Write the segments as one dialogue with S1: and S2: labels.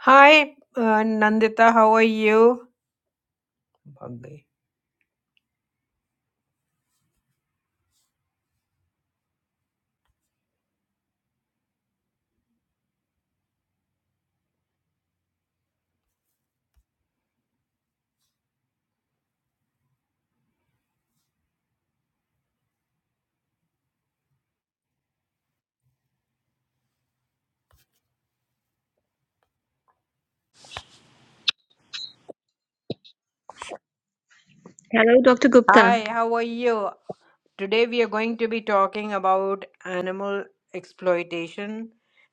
S1: Hi, uh, Nandita, how are you? Okay.
S2: Hello, Dr. Gupta.
S1: Hi, how are you? Today we are going to be talking about animal exploitation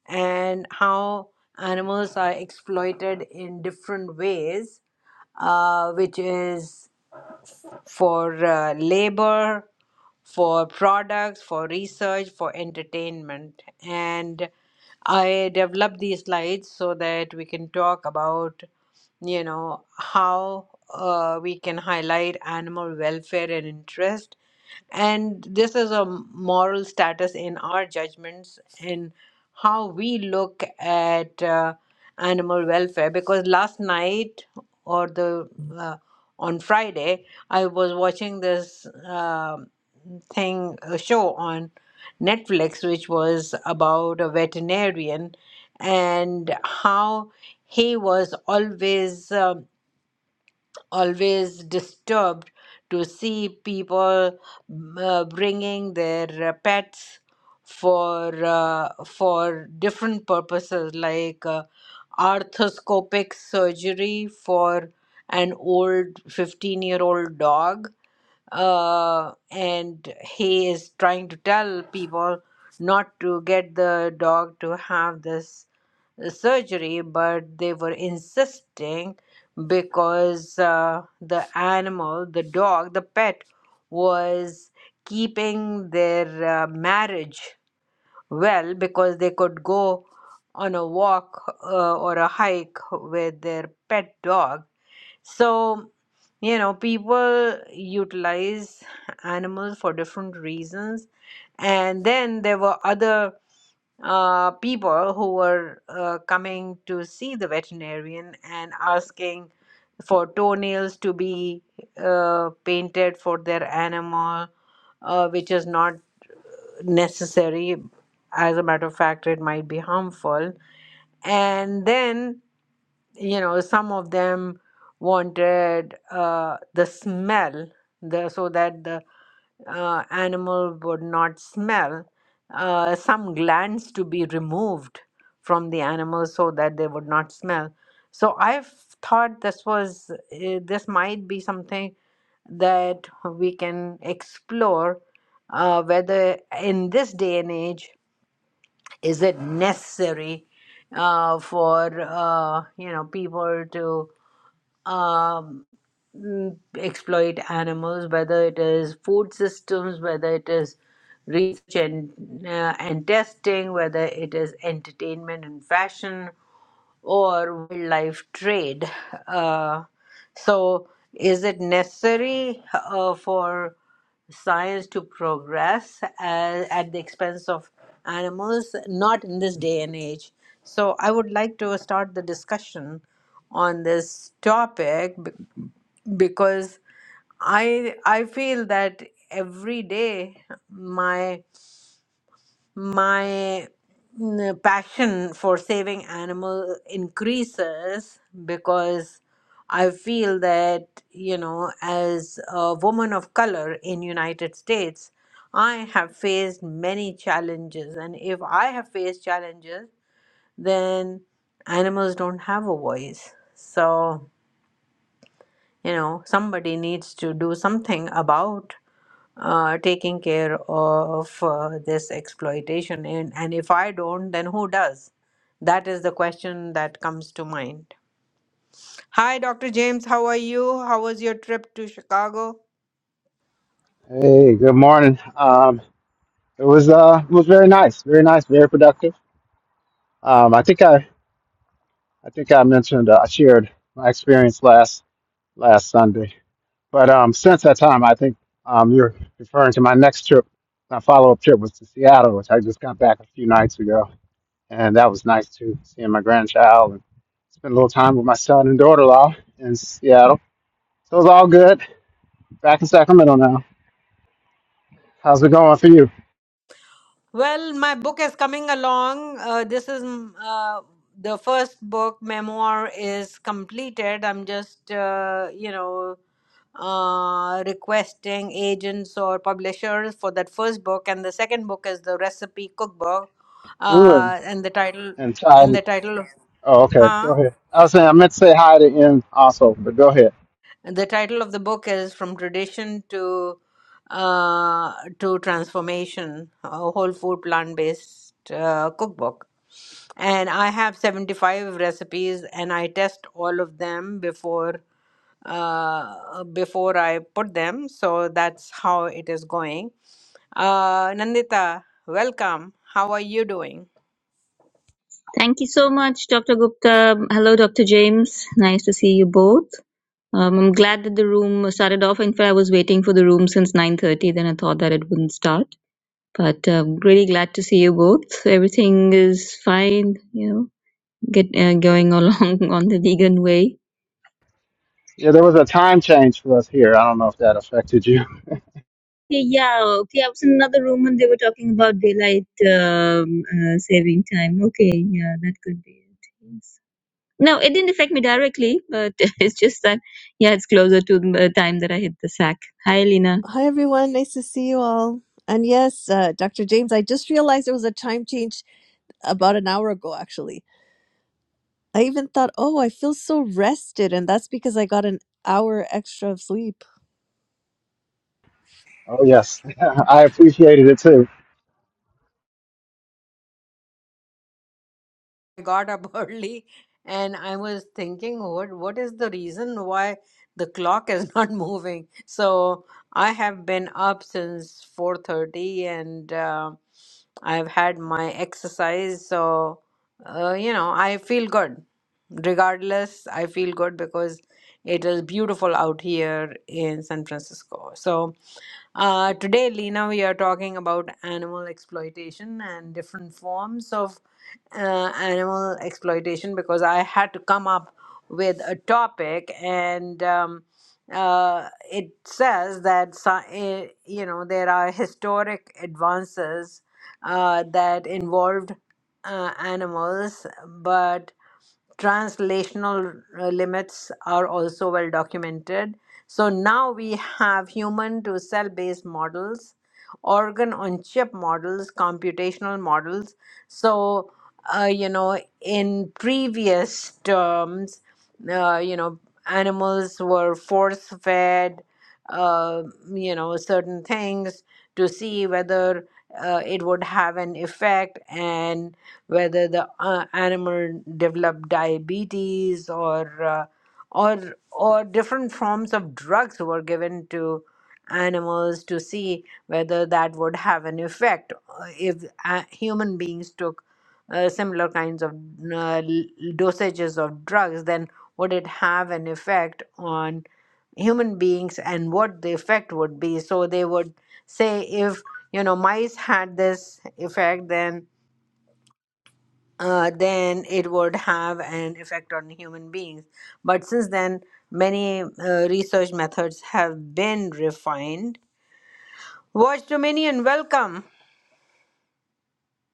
S1: and how animals are exploited in different ways, uh, which is for uh, labor, for products, for research, for entertainment. And I developed these slides so that we can talk about you know how uh, we can highlight animal welfare and interest and this is a moral status in our judgments in how we look at uh, animal welfare because last night or the uh, on friday i was watching this um thing a show on netflix which was about a veterinarian and how he was always um always disturbed to see people mm, uh, bringing their uh, pets for uh, for different purposes like uh, arthroscopic surgery for an old 15 year old dog uh, and he is trying to tell people not to get the dog to have this surgery, but they were insisting because uh, the animal, the dog, the pet was keeping their uh, marriage well because they could go on a walk uh, or a hike with their pet dog so, you know, people utilize animals for different reasons. And then there were other uh, people who were uh, coming to see the veterinarian and asking for toenails to be uh, painted for their animal, uh, which is not necessary. As a matter of fact, it might be harmful. And then you know some of them wanted uh, the smell the so that the uh, animal would not smell uh, some glands to be removed from the animal so that they would not smell so i've thought this was uh, this might be something that we can explore uh, whether in this day and age is it necessary uh, for uh, you know people to um, mm, exploit animals whether it is food systems whether it is research and, uh, and testing whether it is entertainment and fashion or wildlife trade. Uh, so, is it necessary uh, for science to progress uh, at the expense of animals? Not in this day and age. So, I would like to start the discussion on this topic b- because I I feel that every day my my mm, passion for saving animal increases because i feel that you know as a woman of color in united states i have faced many challenges and if i have faced challenges then animals don't have a voice so you know somebody needs to do something about uh, taking care of uh, this exploitation and, and if i don't then who does that is the question that comes to mind hi dr james how are you how was your trip to chicago
S3: Hey, good morning. Um, it was uh, it was very nice, very nice, very productive. Um, I think I, I think I mentioned uh, I shared my experience last last Sunday, but um, since that time, I think um, you're referring to my next trip. My follow-up trip was to Seattle, which I just got back a few nights ago, and that was nice too, seeing my grandchild and spent a little time with my son and daughter-in-law in Seattle. So it was all good. Back in Sacramento now. How's it going for you?
S1: well my book is coming along uh, this is mm, uh, the first book memoir is completed i'm just uh, you know uh, requesting agents or publishers for that first book, and the second book is the recipe cookbook,
S3: You and
S1: uh, and the title
S3: and Ty?
S1: and the title of
S3: Oh, okay. Go
S1: huh?
S3: ahead. I was saying I meant to say hi to N also, but go ahead.
S1: And the title of the book is from tradition to uh, to transformation, a whole food plant based uh, cookbook. And I have 75 recipes, and I test all of them before uh before i put them so that's how it is going Uh, Nandita, welcome. How are you doing?
S2: Thank you so much, Dr. Gupta. Hello, Dr. James. Nice to see you both. Um, I'm glad that the room started off. In fact, I was waiting for the room since 9:30. Then I thought that it wouldn't start, but um, really glad to see you both. So Everything is fine, you know, get uh, going along on the vegan way.
S3: Yeah, there was a time change for us here. I don't know if that affected you.
S2: Yeah, okay. I was in another room and they were talking about daylight um, uh, saving time. Okay, yeah, that could be it. No, it didn't affect me directly, but it's just that, yeah, it's closer to the time that I hit the sack. Hi, Lena.
S4: Hi, everyone. Nice to see you all. And yes, uh, Dr. James, I just realized there was a time change about an hour ago, actually. I even thought, oh, I feel so rested. And that's because I got an hour extra of sleep.
S3: Oh yes, I appreciated it too.
S1: I got up early and I was thinking, what, what is the reason why the clock is not moving? So I have been up since 4:30 and uh, I've had my exercise. So, uh, you know, I feel good. Regardless, I feel good because it is beautiful out here in San Francisco. So, Uh, today, Lena, we are talking about animal exploitation and different forms of uh, animal exploitation because I had to come up with a topic, and um, uh, it says that sci- eh, you know there are historic advances uh, that involved uh, animals, but translational uh, limits are also well documented. So now we have human to cell based models, organ on chip models, computational models. So, uh, you know, in previous terms, uh, you know, animals were force fed, uh, you know, certain things to see whether uh, it would have an effect and whether the uh, animal developed diabetes or uh, or or different forms of drugs were given to animals to see whether that would have an effect uh, if uh, human beings took uh, similar kinds of uh, dosages of drugs then would it have an effect on human beings and what the effect would be so they would say if you know mice had this effect then uh, then it would have an effect on human beings. But since then, many uh, research methods have been refined. Watch Dominion, welcome.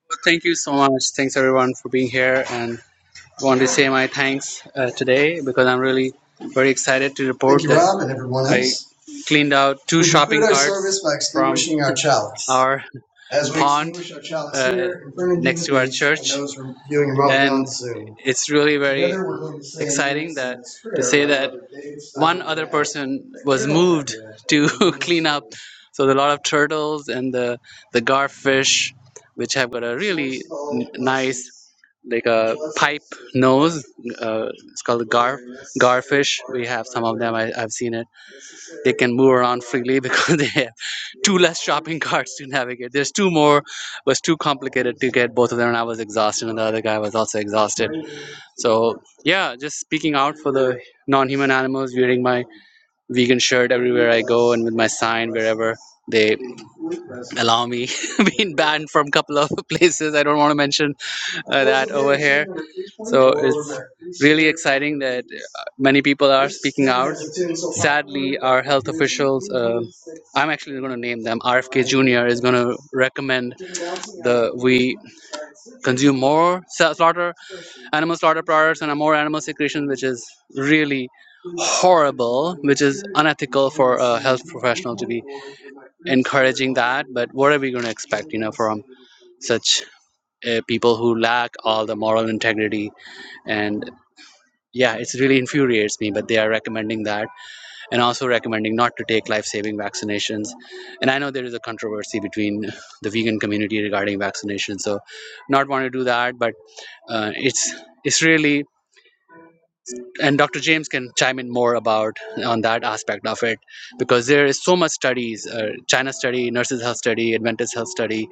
S5: Well, thank you so much. Thanks everyone for being here and want to say my thanks uh, today because I'm really very excited to report Thank you, that Rob, and everyone I cleaned out two We shopping our carts service by extinguishing from our chalice. our As we pond our chalice uh, here in next to our Beach and church, and it's really very exciting that to say that one other person was moved to clean up. restored. So there's a lot of turtles and the the garfish, which have got a really n- nice like a pipe nose. Uh, it's called a gar garfish. We have some of them. I, I've seen it. They can move around freely because they have two less shopping carts to navigate. There's two more. was too complicated to get both of them, and I was exhausted, and the other guy was also exhausted. So yeah, just speaking out for the non-human animals. Wearing my vegan shirt everywhere I go, and with my sign wherever they allow me being banned from a couple of places i don't want to mention uh, that over here. So it's really exciting that uh, many people are speaking out. Sadly, our health officials, uh, I'm actually going to name them, RFK Jr. is going to recommend the we consume more sa- slaughter, animal slaughter products and more animal secretion, which is really horrible, which is unethical for a health professional to be encouraging that. But what are we going to expect, you know, from such uh, people who lack all the moral integrity? and yeah it's really infuriates me but they are recommending that and also recommending not to take life-saving vaccinations and i know there is a controversy between the vegan community regarding vaccination so not want to do that but uh, it's it's really and dr james can chime in more about on that aspect of it because there is so much studies uh, china study nurses health study adventist health study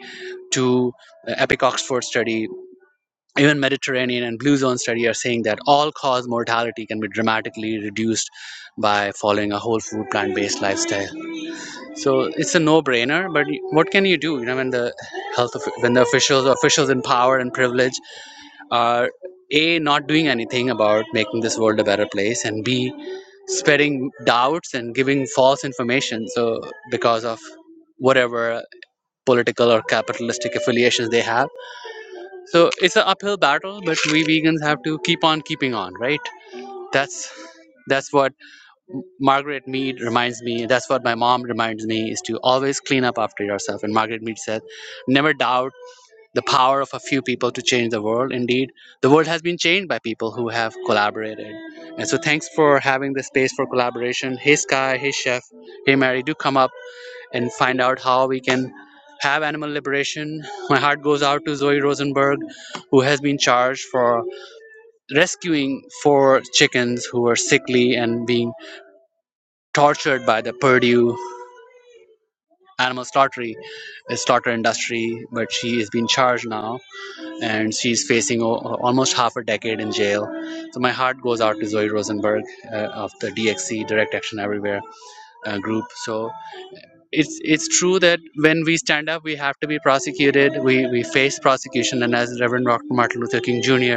S5: to uh, epic oxford study even Mediterranean and Blue Zone study are saying that all cause mortality can be dramatically reduced by following a whole food plant based lifestyle. So it's a no brainer. But what can you do? You know, when the health of, when the officials officials in power and privilege are a not doing anything about making this world a better place, and b spreading doubts and giving false information. So because of whatever political or capitalistic affiliations they have so it's an uphill battle, but we vegans have to keep on keeping on, right? That's that's what Margaret Mead reminds me. That's what my mom reminds me is to always clean up after yourself. And Margaret Mead said, "Never doubt the power of a few people to change the world. Indeed, the world has been changed by people who have collaborated." And so, thanks for having this space for collaboration. Hey Sky, hey Chef, hey Mary, do come up and find out how we can have animal liberation. My heart goes out to Zoe Rosenberg, who has been charged for rescuing four chickens who were sickly and being tortured by the Purdue animal slaughtery, uh, slaughter industry. But she is being charged now, and she's facing o- almost half a decade in jail. So my heart goes out to Zoe Rosenberg uh, of the DXC Direct Action Everywhere uh, group. So it's it's true that when we stand up we have to be prosecuted we we face prosecution and as reverend dr martin luther king jr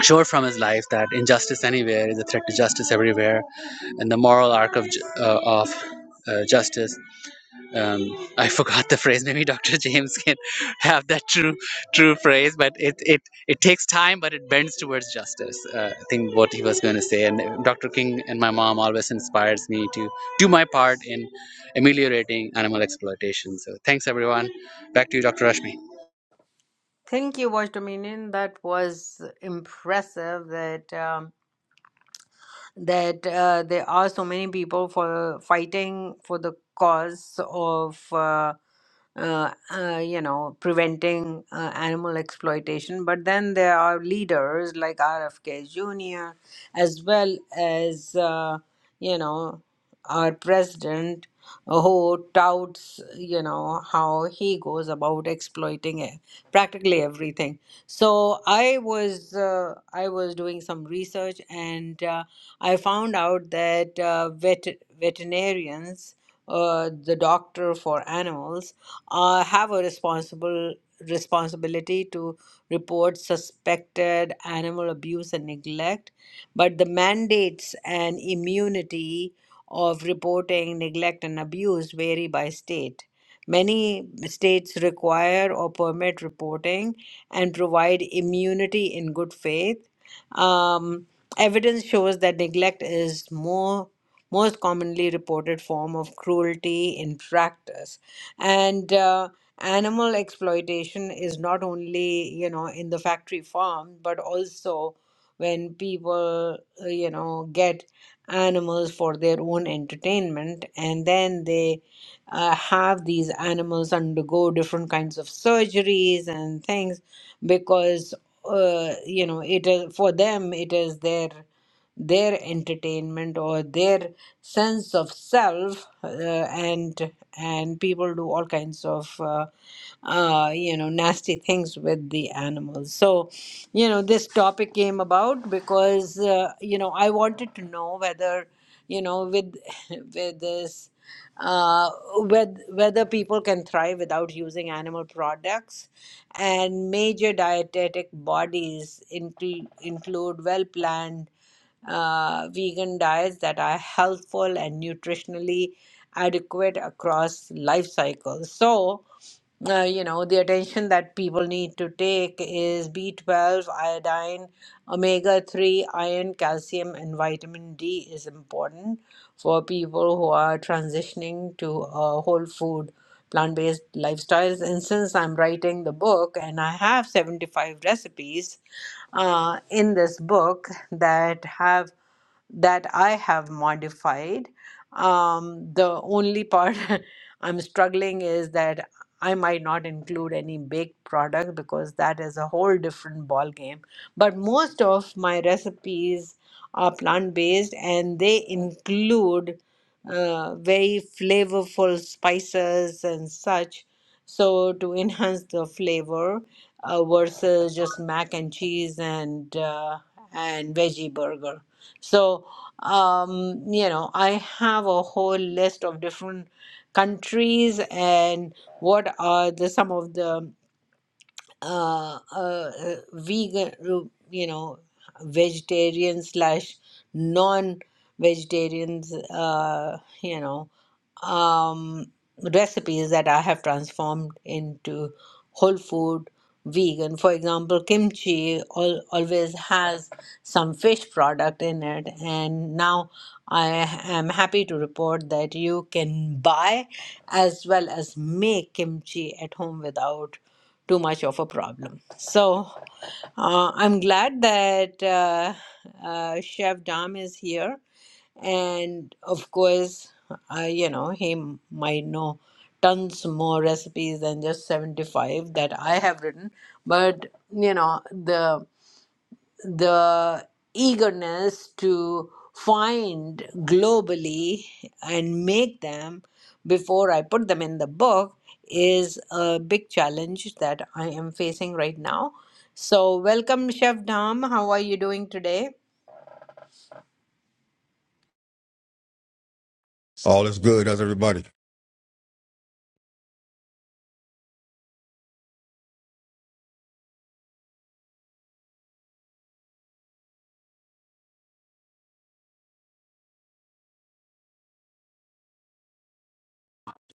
S5: showed from his life that injustice anywhere is a threat to justice everywhere and the moral arc of uh, of uh, justice um, I forgot the phrase. Maybe Dr. James can have that true true phrase, but it it, it takes time, but it bends towards justice. Uh, I think what he was going to say, and Dr. King and my mom always inspires me to do my part in ameliorating animal exploitation. So thanks everyone. Back to you, Dr. Rashmi.
S1: Thank you, Watch Dominion. That was impressive. That um, that uh, there are so many people for fighting for the cause of uh, uh, uh, you know preventing uh, animal exploitation but then there are leaders like rfk jr as well as uh, you know our president who touts you know how he goes about exploiting it, practically everything so i was uh, i was doing some research and uh, I found out that uh, vet veterinarians, uh, the doctor for animals, uh, have a responsible responsibility to report suspected animal abuse and neglect, but the mandates and immunity of reporting neglect and abuse vary by state. Many states require or permit reporting and provide immunity in good faith. Um, Evidence shows that neglect is more most commonly reported form of cruelty in practice, and uh, animal exploitation is not only you know in the factory farm, but also when people uh, you know get animals for their own entertainment, and then they uh, have these animals undergo different kinds of surgeries and things because uh, you know it is for them it is their their entertainment or their sense of self uh, and and people do all kinds of uh, uh, you know nasty things with the animals so you know this topic came about because uh, you know i wanted to know whether you know with with this uh, with, whether people can thrive without using animal products and major dietetic bodies include, include well planned uh, vegan diets that are healthful and nutritionally adequate across life cycles. So, uh, you know the attention that people need to take is b12 iodine omega 3 iron calcium and vitamin d is important for people who are transitioning to a whole food plant-based lifestyles and since i'm writing the book and i have 75 recipes uh, in this book that have that I have modified. Um, the only part I'm struggling is that I might not include any baked product because that is a whole different ball game. But most of my recipes are plant based and they include uh, very flavorful spices and such. So to enhance the flavor uh, versus just mac and cheese and uh, and veggie burger. So um, you know, I have a whole list of different countries and what are the some of the uh, uh, uh, vegan, uh, you know, vegetarian slash non-vegetarians, uh, you know, um, recipes that I have transformed into whole food vegan. For example, kimchi al always has some fish product in it, and now I am happy to report that you can buy as well as make kimchi at home without too much of a problem. So uh, I'm glad that uh, uh, Chef Dam is here. And of course, uh, you know, he might know tons more recipes than just 75 that I have written. But, you know, the the eagerness to find globally and make them before I put them in the book is a big challenge that I am facing right now. So, welcome, Chef Dom. How are you doing today?
S6: All is good. How's everybody?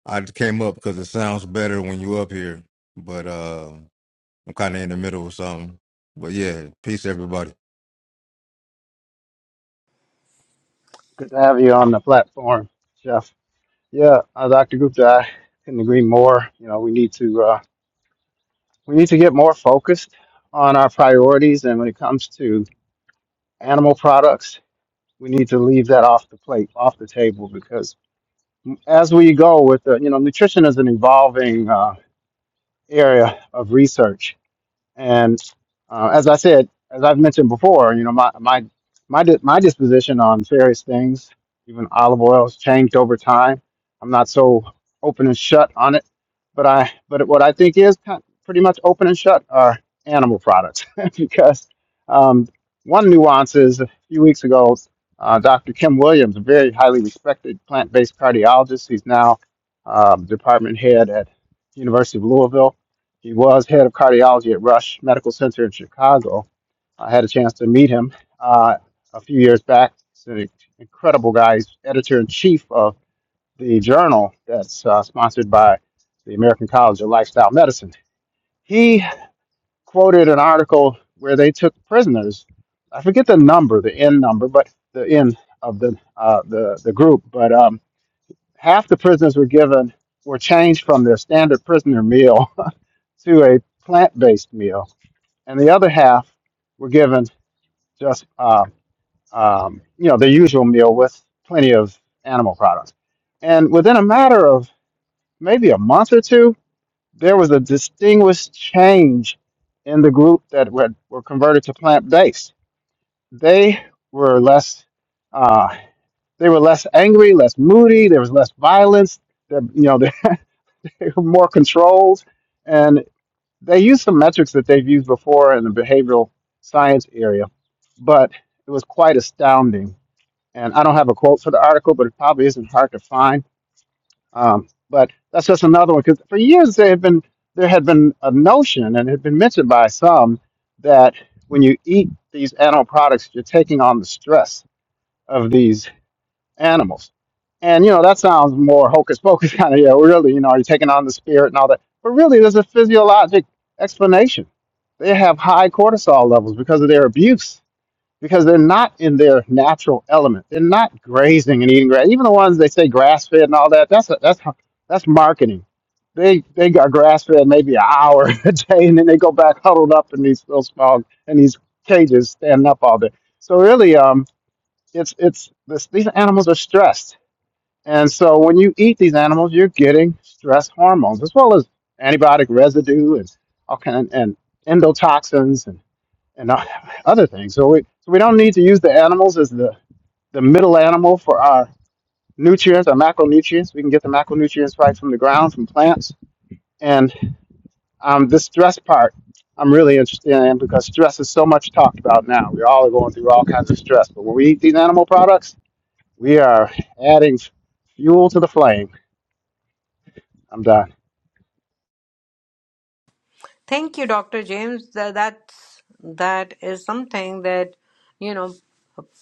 S6: I just came up because it sounds better when you up here, but uh, I'm kind of in the middle of something. But yeah, peace, everybody.
S3: Good to have you on the platform, Jeff. Yeah, uh, Dr. Gupta, I couldn't agree more. You know, we need to uh, we need to get more focused on our priorities, and when it comes to animal products, we need to leave that off the plate, off the table, because as we go with the, you know, nutrition is an evolving uh, area of research And uh, as I said, as I've mentioned before, you know, my my my di- my disposition on various things, even olive oil, has changed over time. I'm not so open and shut on it, but I but what I think is kind pretty much open and shut are animal products because um, one nuance is a few weeks ago, uh, Dr. Kim Williams, a very highly respected plant-based cardiologist, he's now um, department head at University of Louisville he was head of cardiology at Rush Medical Center in Chicago. I had a chance to meet him uh, a few years back. He's an incredible guy. He's editor in chief of the journal that's uh, sponsored by the American College of Lifestyle Medicine. He quoted an article where they took prisoners. I forget the number, the N number, but the N of the uh, the the group. But um, half the prisoners were given were changed from their standard prisoner meal to a plant-based meal and the other half were given just uh, um, you know the usual meal with plenty of animal products. And within a matter of maybe a month or two, there was a distinguished change in the group that were, were converted to plant-based. They were less uh, they were less angry, less moody. There was less violence. They, you know, they were more controlled, and. They used some metrics that they've used before in the behavioral science area, but it was quite astounding. And I don't have a quote for the article, but it probably isn't hard to find. Um, but that's just another one because for years there had been there had been a notion and it had been mentioned by some that when you eat these animal products, you're taking on the stress of these animals. And you know, that sounds more hocus pocus kind of, yeah, really, you know, are you taking on the spirit and all that? But really there's a physiologic explanation. They have high cortisol levels because of their abuse, because they're not in their natural element. They're not grazing and eating grass. Even the ones they say grass fed and all that, that's a, that's that's marketing. They they got grass fed maybe an hour a day and then they go back huddled up in these little small in these cages standing up all day. So really um it's it's this, these animals are stressed and so when you eat these animals, you're getting stress hormones as well as antibiotic residue and all kind and endotoxins and and other things. So we so we don't need to use the animals as the the middle animal for our nutrients, our macronutrients. We can get the macronutrients right from the ground, from plants. And um, the stress part, I'm really interested in because stress is so much talked about now. We're all are going through all kinds of stress. But when we eat these animal products, we are adding fuel to the flame. I'm done.
S1: Thank you, Dr. James. That that's that is something that you know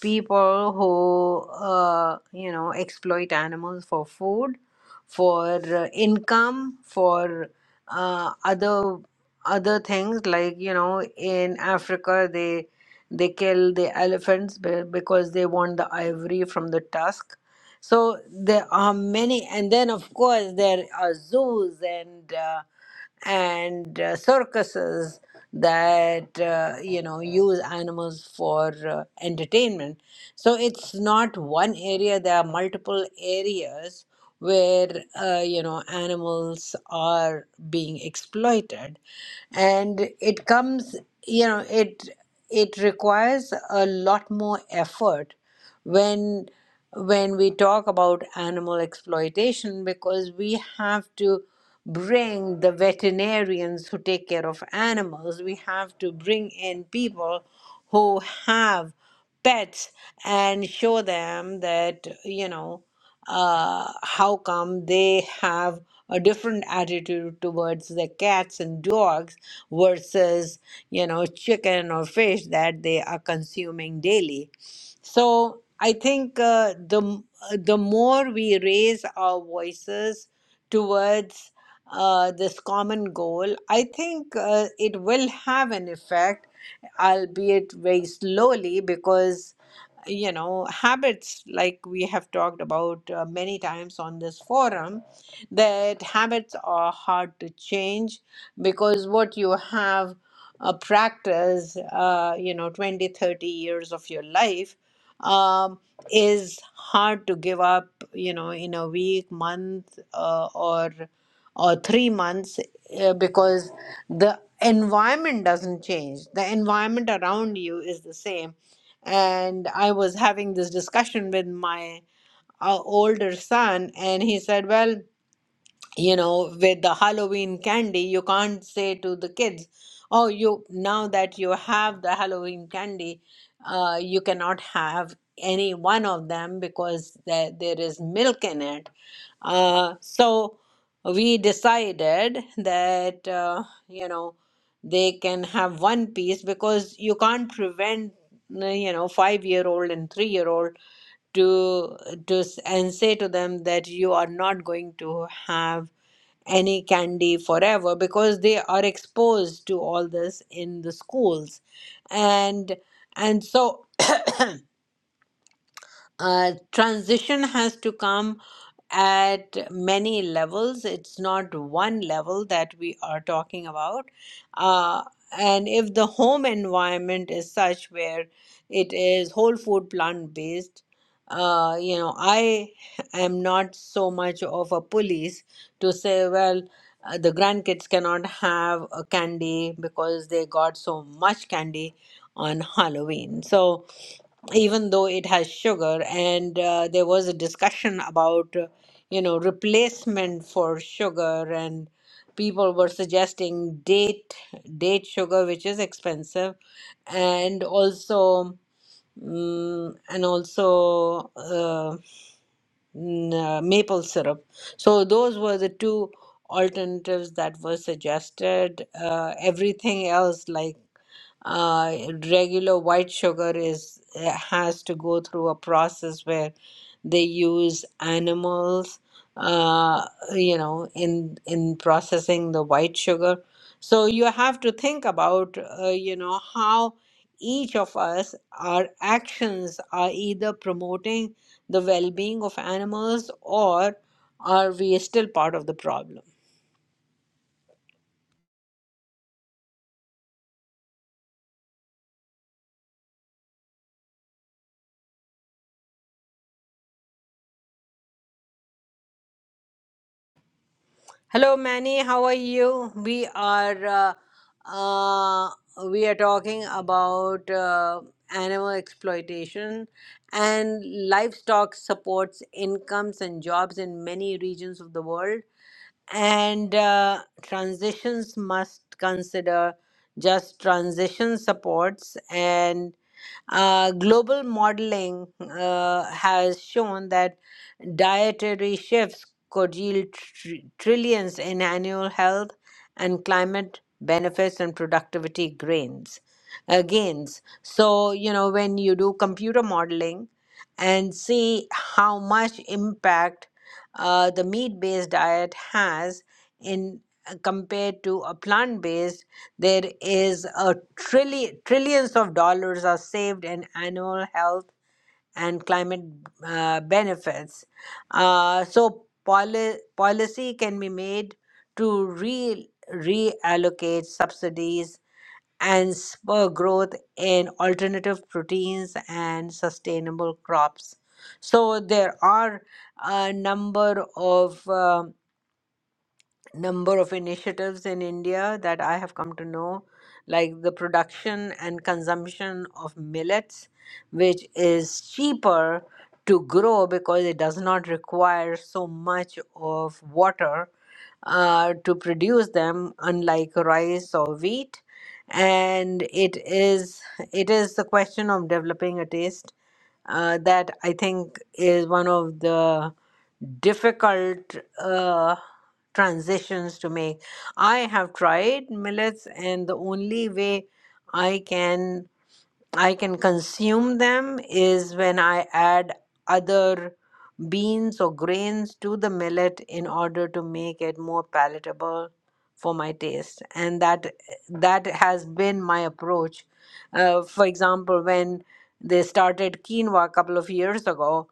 S1: people who uh, you know exploit animals for food, for uh, income, for uh, other other things like you know in Africa they they kill the elephants be- because they want the ivory from the tusk. So there are many, and then of course there are zoos and. Uh, and uh, circuses that uh, you know use animals for uh, entertainment so it's not one area there are multiple areas where uh, you know animals are being exploited and it comes you know it it requires a lot more effort when when we talk about animal exploitation because we have to bring the veterinarians who take care of animals, we have to bring in people who have pets and show them that, you know, uh, how come they have a different attitude towards the cats and dogs versus, you know, chicken or fish that they are consuming daily so I think uh, the m- uh, the more we raise our voices towards uh, this common goal, I think uh, it will have an effect, albeit very slowly, because you know habits like we have talked about uh, many times on this forum that habits are hard to change because what you have uh, practiced uh, you know 20 30 years of your life um, is hard to give up you know in a week month uh, or or three months uh, because the environment doesn't change the environment around you is the same and i was having this discussion with my uh, older son and he said well you know with the halloween candy you can't say to the kids oh you now that you have the halloween candy uh, you cannot have any one of them because there, there is milk in it uh, so we decided that uh, you know they can have one piece because you can't prevent you know five year old and three year old to to s- and say to them that you are not going to have any candy forever because they are exposed to all this in the schools and and so uh, transition has to come at many levels. It's not one level that we are talking about. Uh, and if the home environment is such where it is whole food plant based, uh, you know, I am not so much of a police to say, well, uh, the grandkids cannot have a candy because they got so much candy on Halloween. So, even though it has sugar and uh, there was a discussion about uh, you know replacement for sugar and people were suggesting date date sugar which is expensive and also mm, and also uh, n- uh, maple syrup. So those were the two alternatives that were suggested. Uh, everything else, like uh, regular white sugar, is uh, has to go through a process where they use animals, uh, you know, in in processing the white sugar. So you have to think about, uh, you know, how each of us, our actions are either promoting the well being of animals or are we still part of the problem? Hello, Manny. How are you? We are. Uh, uh, we are talking about uh, animal exploitation and livestock supports incomes and jobs in many regions of the world and uh, transitions must consider just transition supports and uh, global modeling uh, has shown that dietary shifts could yield tr- trillions in annual health and climate benefits and productivity gains. Uh, gains. So, you know, when you do computer modeling and see how much impact uh, the meat based diet has in uh, compared to a plant based there is a trillion trillions of dollars are saved in annual health and climate uh, benefits. Uh, so poli- policy can be made to re- reallocate subsidies and spur growth in alternative proteins and sustainable crops. So there are a number of um number of initiatives in India that I have come to know, like the production and consumption of millets, which is cheaper to grow because it does not require so much of water uh, to produce them, unlike rice or wheat. And it is it is the question of developing a taste uh, that I think is one of the difficult uh, transitions to make. I have tried millets, and the only way I can I can consume them is when I add other beans or grains to the millet in order to make it more palatable for my taste and that that has been my approach uh, for example when they started quinoa a couple of years ago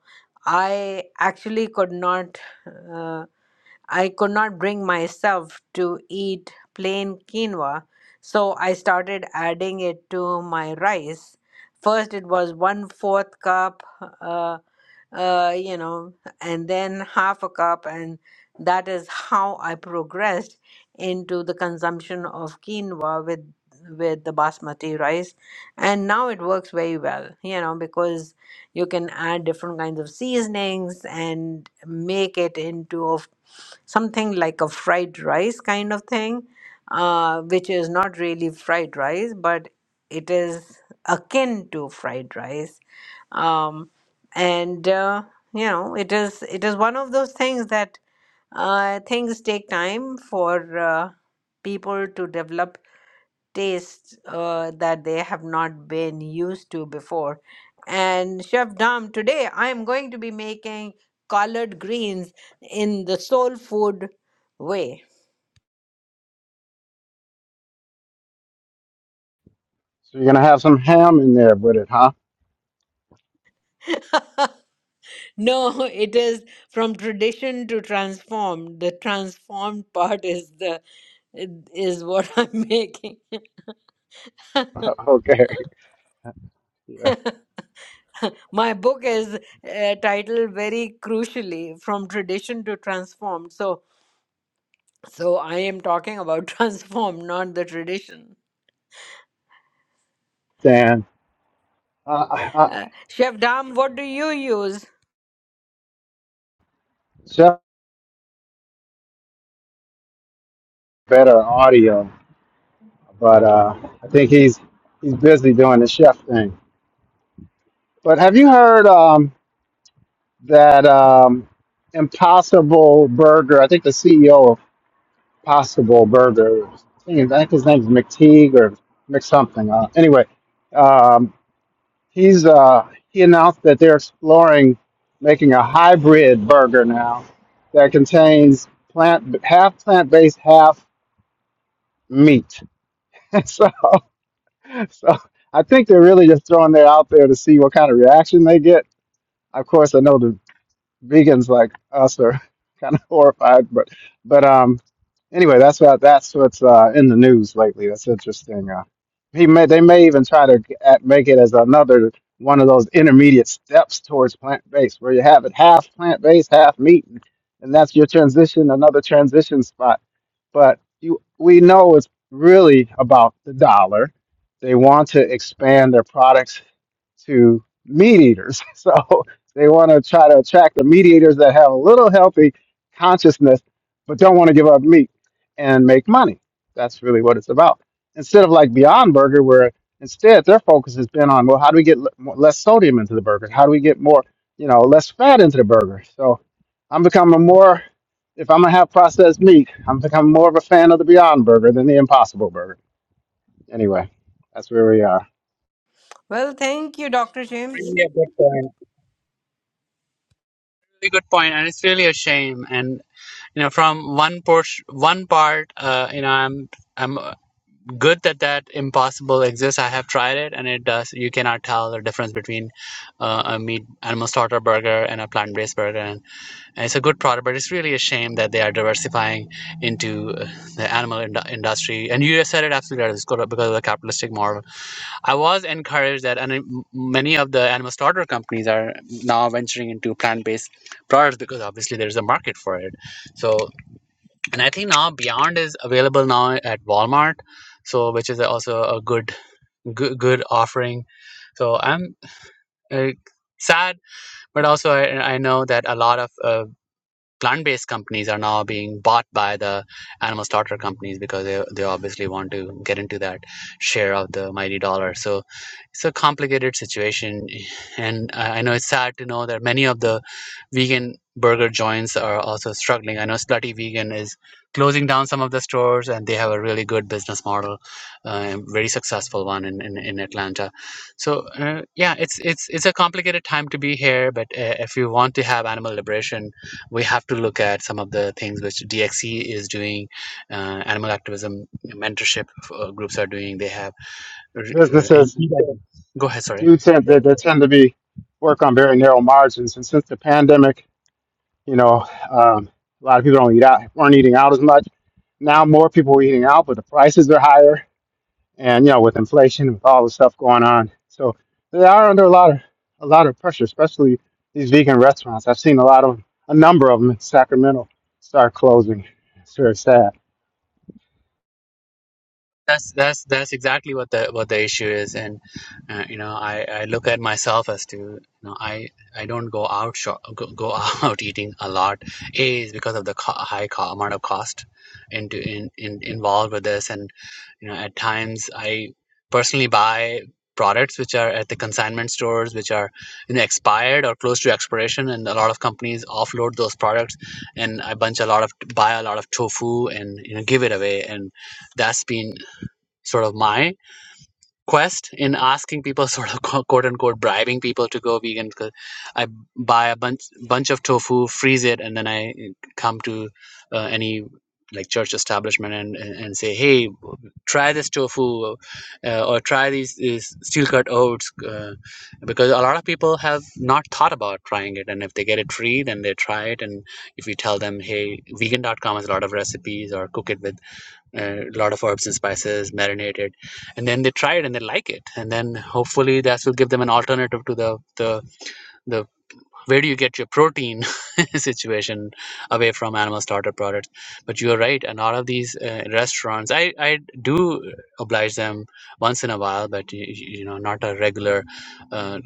S1: i actually could not uh, I could not bring myself to eat plain quinoa, so I started adding it to my rice. First, it was one fourth cup, uh, uh, you know, and then half a cup, and that is how I progressed into the consumption of quinoa with with the basmati rice, and now it works very well, you know, because you can add different kinds of seasonings and make it into a f- something like a fried rice kind of thing uh, which is not really fried rice but it is akin to fried rice um, and uh, you know it is it is one of those things that uh, things take time for uh, people to develop taste uh, that they have not been used to before. And Chef Dom, today I am going to be making collard greens in the soul food way.
S3: So you're gonna have some ham in there with it, huh?
S1: No, it is from tradition to transform. The transformed part is the is what I'm making.
S3: okay. Yeah.
S1: My book is uh, titled very crucially "From Tradition to Transform." So, so I am talking about transform, not the tradition.
S3: Dan. Uh, uh,
S1: Uh, Chef Dam, what do you use?
S3: chef better audio, but uh, I think he's he's busy doing the chef thing. But have you heard um, that um, Impossible Burger? I think the CEO of Possible Burger. I think I think his name's McTeague or Mc something. Uh, anyway, um, He's uh, he announced that they're exploring making a hybrid burger now that contains plant half plant based, half meat. so, so I think they're really just throwing that out there to see what kind of reaction they get. Of course, I know the vegans like us are kind of horrified. But but um, anyway, that's what that's what's uh, in the news lately. That's interesting. Uh, he may they may even try to g- at- make it as another one of those intermediate steps towards plant based, where you have it half plant based, half meat, and that's your transition, another transition spot but you, we know it's really about the dollar. They want to expand their products to meat eaters. So they want to try to attract the meat eaters that have a little healthy consciousness, but don't want to give up meat and make money. That's really what it's about. Instead of like Beyond Burger, where instead their focus has been on, well, how do we get le- more- less sodium into the burgers? How do we get more, you know, less fat into the burger? So I'm becoming more if I'm gonna have processed meat, I'm think I'm more of a fan of the Beyond Burger than the Impossible Burger. Anyway, that's where we are.
S1: Well, thank you, Dr. James.
S5: Really a good point. Really good point, and it's really a shame. And you know, from one por- one part, uh, you know, I'm. I'm good that that impossible exists. I have tried it, and it does. You cannot tell the difference between uh, a meat animal starter burger and a plant-based burger, and, and it's a good product. But it's really a shame that they are diversifying into uh, the animal ind- industry. And you said it absolutely right. It's good because of the capitalistic model. I was encouraged that, and m- many of the animal starter companies are now venturing into plant-based products because obviously there's a market for it. So and I think now Beyond is available now at Walmart, so which is also a good good, good offering. So I'm uh, sad, but also I, I know that a lot of uh, plant-based companies are now being bought by the animal starter companies because they, they obviously want to get into that share of the mighty dollar so it's a complicated situation and i I know it's sad to know that many of the vegan burger joints are also struggling i know slutty vegan is closing down some of the stores and they have a really good business model uh, very successful one in, in, in atlanta so uh, yeah it's it's it's a complicated time to be here but uh, if you want to have animal liberation we have to look at some of the things which DXE is doing, uh, animal activism mentorship uh, groups are doing. They have. Uh, and-
S3: Businesses
S5: go ahead, sorry.
S3: do tend they, they tend to be work on very narrow margins, and since the pandemic, you know, um, a lot of people don't eat out, weren't eating out as much. Now more people are eating out, but the prices are higher, and you know, with inflation, with all the stuff going on, so they are under a lot of a lot of pressure, especially these vegan restaurants. I've seen a lot of a number of them in Sacramento start closing. It's very sad.
S5: that's that's that's exactly what the what the issue is and uh, you know I, I look at myself as to you know I I don't go out shop, go, go out eating a lot a is because of the co- high co- amount of cost into in, in involved with this and you know at times I personally buy products which are at the consignment stores which are you know expired or close to expiration and a lot of companies offload those products and I bunch a lot of buy a lot of tofu and you know give it away and that's been sort of my quest in asking people sort of quote unquote bribing people to go vegan 'cause i buy a bunch bunch of tofu freeze it and then i eh, come to uh, any like church establishment and, and say hey try this tofu uh, or try these, these steel cut oats uh, because a lot of people have not thought about trying it and if they get it free then they try it and if you tell them hey vegan.com has a lot of recipes or cook it with a lot of herbs and spices marinated and then they try it and they like it and then hopefully that will give them an alternative to the the the where do you get your protein situation away from animal slaughter products but you are right and all of these uh, restaurants i i do oblige them once in a while but you, you know not a regular uh,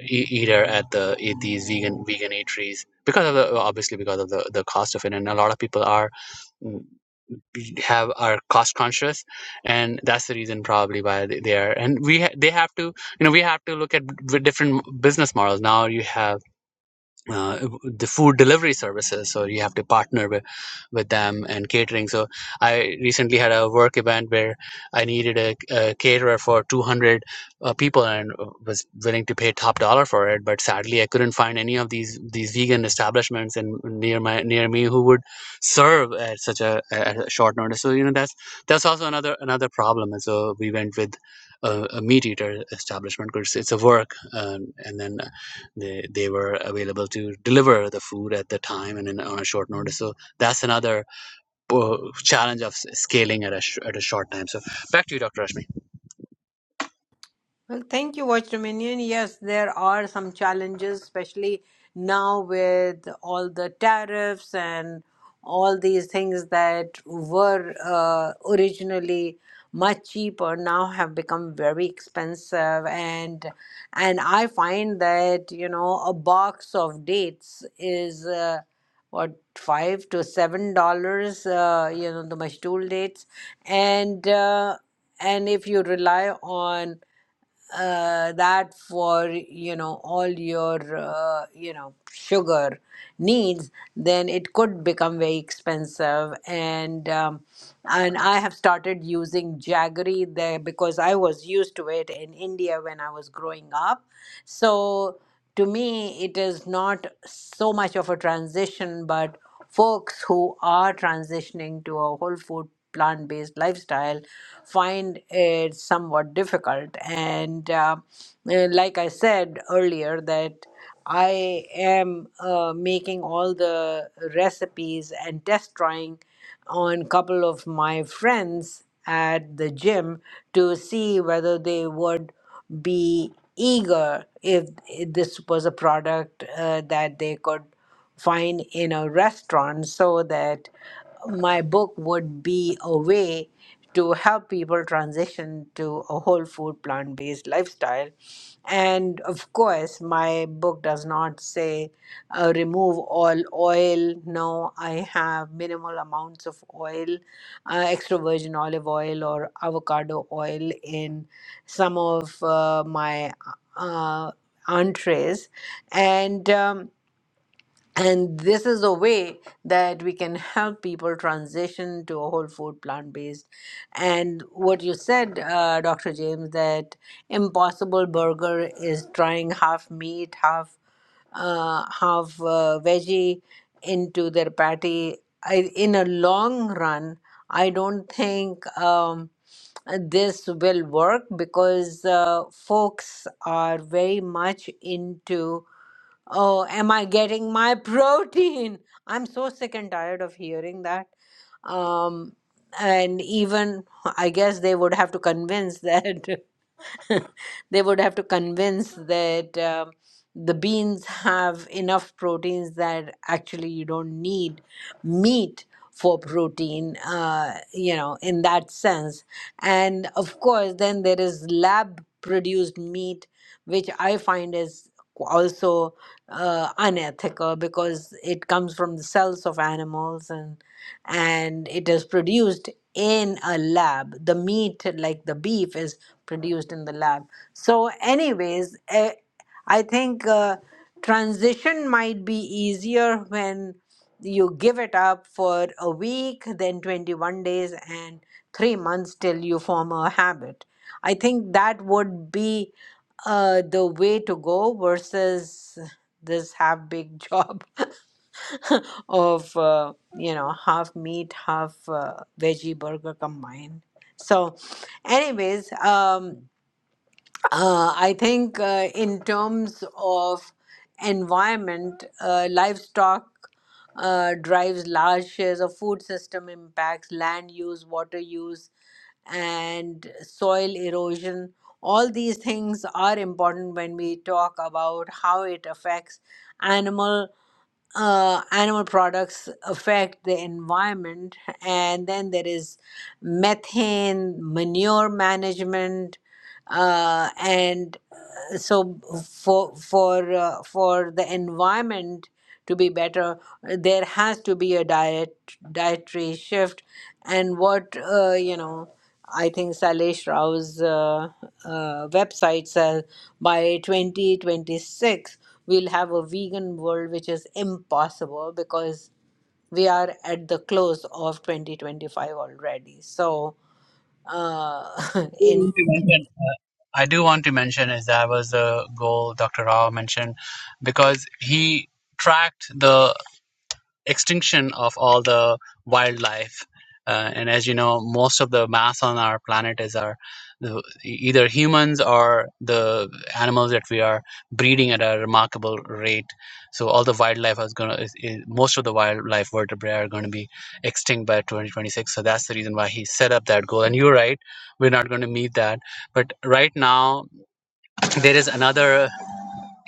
S5: e- eater at the at these vegan vegan eateries because of the obviously because of the the cost of it and a lot of people are have are cost conscious and that's the reason probably why they they are and we ha- they have to you know we have to look at b- different business models now you have uh, the food delivery services so you have to partner with, with them and catering so i recently had a work event where i needed a, a caterer for 200 uh, people and uh, was willing to pay top dollar for it but sadly i couldn't find any of these these vegan establishments in near my near me who would serve at such a, at a short notice so you know that's that's also another another problem and so we went with a, a meat eater establishment because it's a work um, and then they, they were available to deliver the food at the time and in, on a short notice. So that's another uh, challenge of scaling at a, sh- at a short time. So back to you, Dr. Rashmi.
S1: Well, thank you, Watch Dominion. Yes, there are some challenges, especially now with all the tariffs and all these things that were uh, originally much cheaper now have become very expensive and and I find that you know a box of dates is uh, what five to seven dollars uh, you know the mashtool dates and uh, and if you rely on uh, that for you know all your uh, you know sugar needs then it could become very expensive and um, and i have started using jaggery there because i was used to it in india when i was growing up so to me it is not so much of a transition but folks who are transitioning to a whole food plant based lifestyle find it somewhat difficult. And uh, eh, like I said earlier, that I am uh, making all the recipes and test trying on couple of my friends at the gym to see whether they would be eager if if this was a product uh, that they could find in a restaurant so that my book would be a way to help people transition to a whole food plant based lifestyle. And of course, my book does not say uh, remove all oil. No, I have minimal amounts of oil, uh, extra virgin olive oil or avocado oil in some of uh, my uh, entrees. And um, and this is a way that we can help people transition to a whole food, plant based. And what you said, uh, Dr. James, that Impossible Burger is trying half meat, half uh, half uh, veggie into their patty. I, in a long run, I don't think um, this will work because uh, folks are very much into Oh, am I getting my protein? I'm so sick and tired of hearing that. Um, and even I guess they would have to convince that they would have to convince that um the beans have enough proteins that actually you don't need meat for protein, uh, you know, in that sense. And of course, then there is lab produced meat, which I find is also uh, unethical because it comes from the cells of animals and and it is produced in a lab the meat like the beef is produced in the lab so anyways eh, i think uh, transition might be easier when you give it up for a week then 21 days and 3 months till you form a habit i think that would be uh the way to go versus this half big job of uh, you know half meat half uh, veggie burger combined so anyways um uh, i think uh, in terms of environment uh, livestock uh, drives large shares of food system impacts land use water use and soil erosion. All these things are important when we talk about how it affects animal uh, animal products affect the environment. And then there is methane, manure management, uh, and so for for uh, for the environment to be better there has to be a diet dietary shift and what uh, you know i think salesh rao's uh, uh, website says by 2026 we'll have a vegan world which is impossible because we are at the close of 2025 already so uh, in
S5: I do want to mention is that was the goal Dr. Rao mentioned because he tracked the extinction of all the wildlife. Uh, and as you know, most of the mass on our planet is our the, either humans or the animals that we are breeding at a remarkable rate. So all the wildlife is gonna is, is, most of the wildlife vertebrae are going to be extinct by 2026. So that's the reason why he set up that goal. And you're right, we're not going to meet that. But right now there is another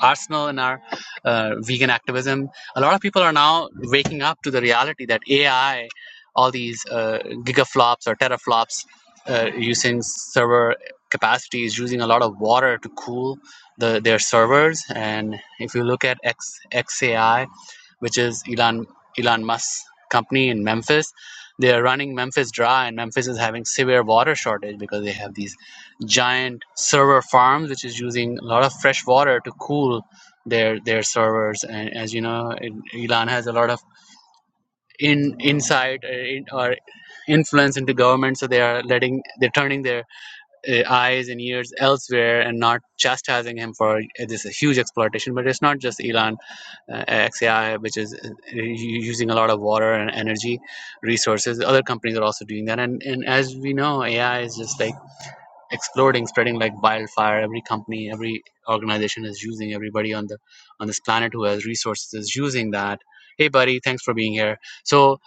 S5: arsenal and our uh, vegan activism, a lot of people are now waking up to the reality that AI, all these uh, gigaflops or teraflops, uh, using server capacities, using a lot of water to cool the, their servers. And if you look at X, XAI, which is Elon Elon Musk's company in Memphis. They are running Memphis dry, and Memphis is having severe water shortage because they have these giant server farms, which is using a lot of fresh water to cool their their servers. And as you know, it, Elon has a lot of in insight uh, in, or influence into government, so they are letting they're turning their uh, eyes and ears elsewhere and not chastising him for uh, this huge exploitation. But it's not just Elon uh, XAI, which is uh, using a lot of water and energy resources. Other companies are also doing that, and and as we know, AI is just like exploding, spreading like wildfire. Every company, every organization is using. Everybody on the on this planet who has resources is using that. Hey, buddy, thanks for being here. So,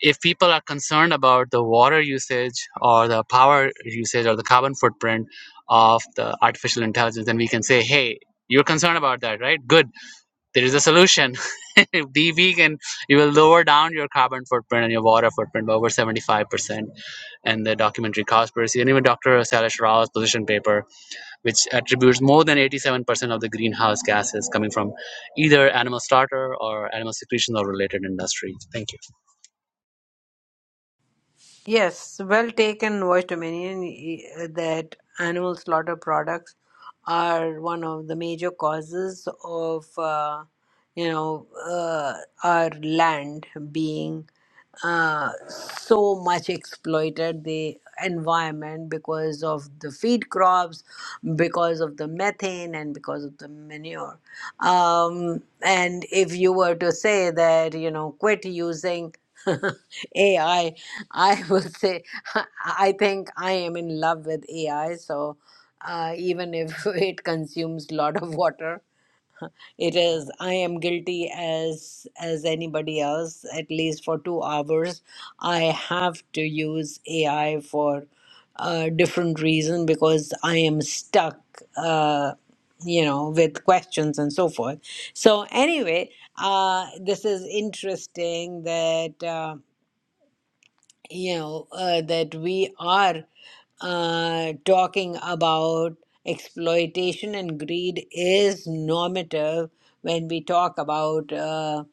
S5: if people are concerned about the water usage or the power usage or the carbon footprint of the artificial intelligence, then we can say, hey, you're concerned about that, right? Good there is a solution. Be vegan. You will lower down your carbon footprint and your water footprint by over 75%. And the documentary Cowspiracy, and even Dr. Salish Rao's position paper, which attributes more than 87% of the greenhouse gases coming from either animal starter or animal secretion or related industry. Thank you.
S1: Yes, well taken, Voice Dominion, e- that animal slaughter products are one of the major causes of, uh, you know, uh, our land being uh, so much exploited the environment because of the feed crops, because of the methane, and because of the manure. Um, and if you were to say that, you know, quit using AI, I I will say I think I am in love with AI. So uh, even if it consumes a lot of water, it is, I am guilty as as anybody else, at least for two hours. I have to use AI for a different reason because I am stuck, uh, you know, with questions and so forth. So anyway, uh, this is interesting that. Uh, you know, uh, that we are uh, talking about exploitation and greed is normative when we talk about uh,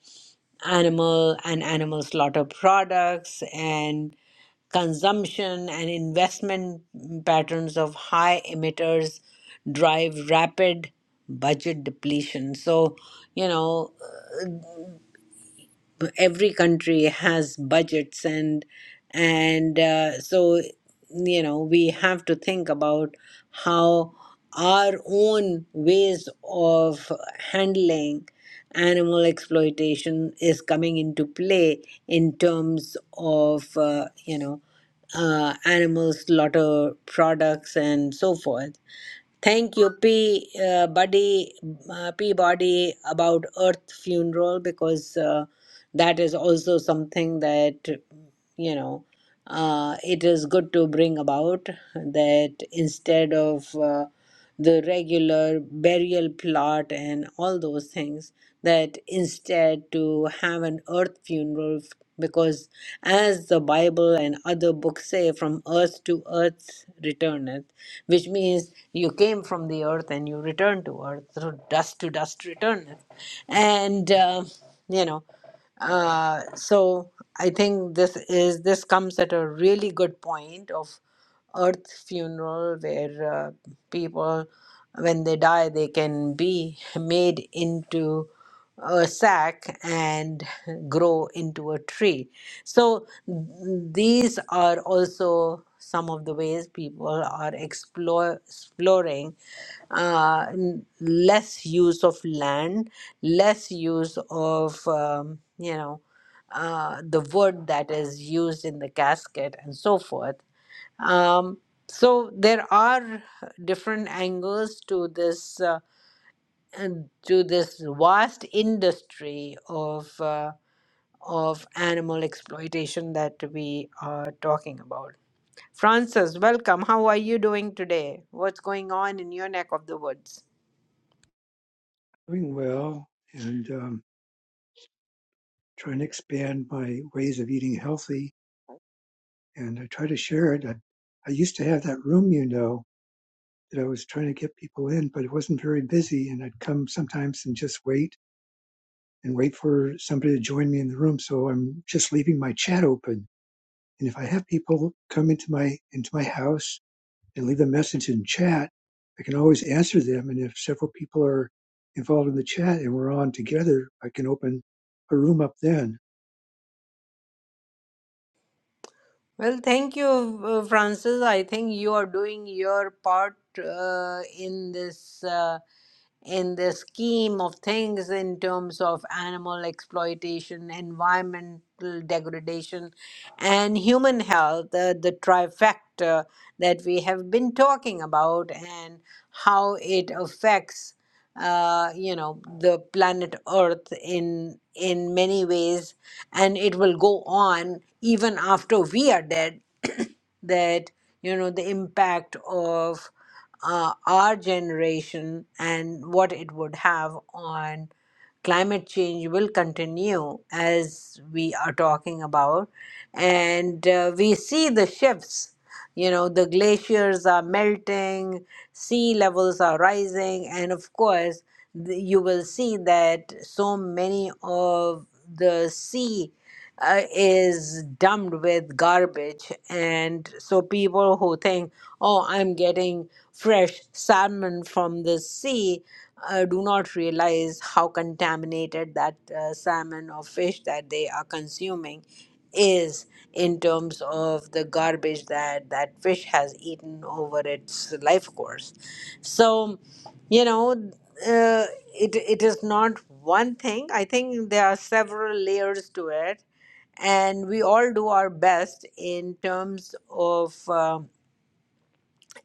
S1: animal and animal slaughter products and consumption and investment patterns of high emitters drive rapid budget depletion. So, you know, every country has budgets and and uh, so you know we have to think about how our own ways of handling animal exploitation is coming into play in terms of uh, you know uh, animal slaughter products and so forth Thank you, P. Uh, buddy, uh, P. Body about Earth funeral because uh, that is also something that you know uh, it is good to bring about that instead of uh, the regular burial plot and all those things that instead to have an earth funeral because as the bible and other books say from earth to earth returneth which means you came from the earth and you return to earth so dust to dust returneth and uh, you know uh, so i think this is this comes at a really good point of earth funeral where uh, people when they die they can be made into a sack and grow into a tree so th- these are also some of the ways people are explore, exploring uh, n- less use of land, less use of um, you know uh, the wood that is used in the casket and so forth um, so there are different angles to this uh, and to this vast industry of uh, of animal exploitation that we are talking about. Francis, welcome. How are you doing today? What's going on in your neck of the woods?
S7: doing well and um, trying to expand my ways of eating healthy. And I try to share it. I, I used to have that room, you know, that I was trying to get people in, but it wasn't very busy. And I'd come sometimes and just wait and wait for somebody to join me in the room. So I'm just leaving my chat open. And if I have people come into my into my house and leave a message in chat, I can always answer them. And if several people are involved in the chat and we're on together, I can open a room up then
S1: Well, thank you, uh, Francis. I think you are doing your part uh, in this. Uh, in the scheme of things in terms of animal exploitation, environmental degradation, and human health, the, the trifecta that we have been talking about and how it affects uh, you know the planet earth in in many ways and it will go on even after we are dead that you know the impact of uh, our generation and what it would have on climate change will continue as we are talking about and uh, we see the shifts you know the glaciers are melting sea levels are rising and of course th- you will see that so many of the sea uh, is dumped with garbage. And so people who think, oh, I'm getting fresh salmon from the sea, uh, do not realize how contaminated that uh, salmon or fish that they are consuming is in terms of the garbage that that fish has eaten over its life course. So, you know, uh, it, it is not one thing. I think there are several layers to it and we all do our best in terms of uh,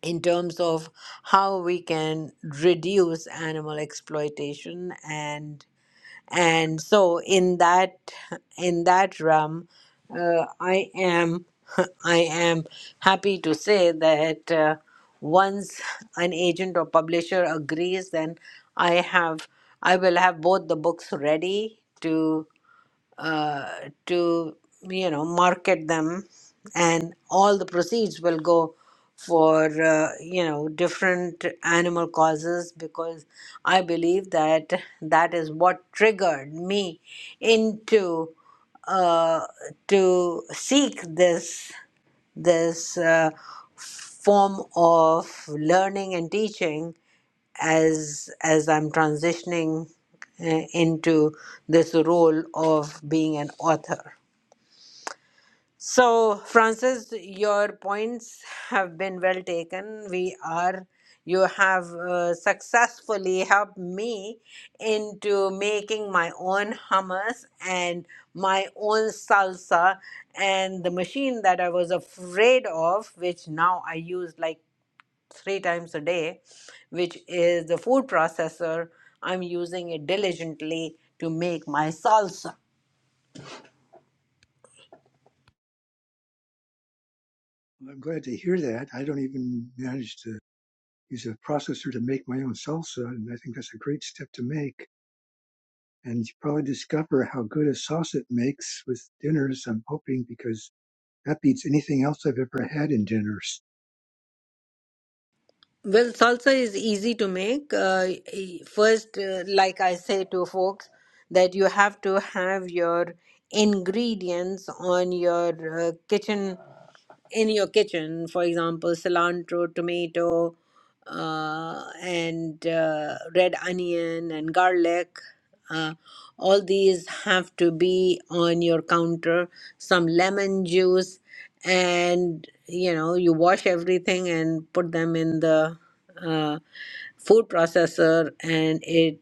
S1: in terms of how we can reduce animal exploitation and and so in that in that realm uh, i am i am happy to say that uh, once an agent or publisher agrees then i have i will have both the books ready to uh, to you know market them and all the proceeds will go for uh, you know different animal causes because i believe that that is what triggered me into uh, to seek this this uh, form of learning and teaching as as I'm transitioning uh, into this role of being an author. So, Francis, your points have been well taken. We are you have uh, successfully helped me into making my own hummus and my own salsa and the machine that I was afraid of, which now I use like three times a day, which is the food processor. I'm using it diligently to make my salsa.
S7: Well, I'm glad to hear that. I don't even manage to use a processor to make my own salsa, and I think that's a great step to make. And you probably discover how good a sauce it makes with dinners, I'm hoping, because that beats anything else I've ever had in dinners.
S1: Well, salsa is easy to make. Uh, e- first, uh, like I say to folks, that you have to have your ingredients on your uh, kitchen in your kitchen, for example, cilantro, tomato, uh, and uh, red onion and garlic. Uh, all these have to be on your counter. Some lemon juice, and you know, you wash everything and put them in the uh, food processor, and it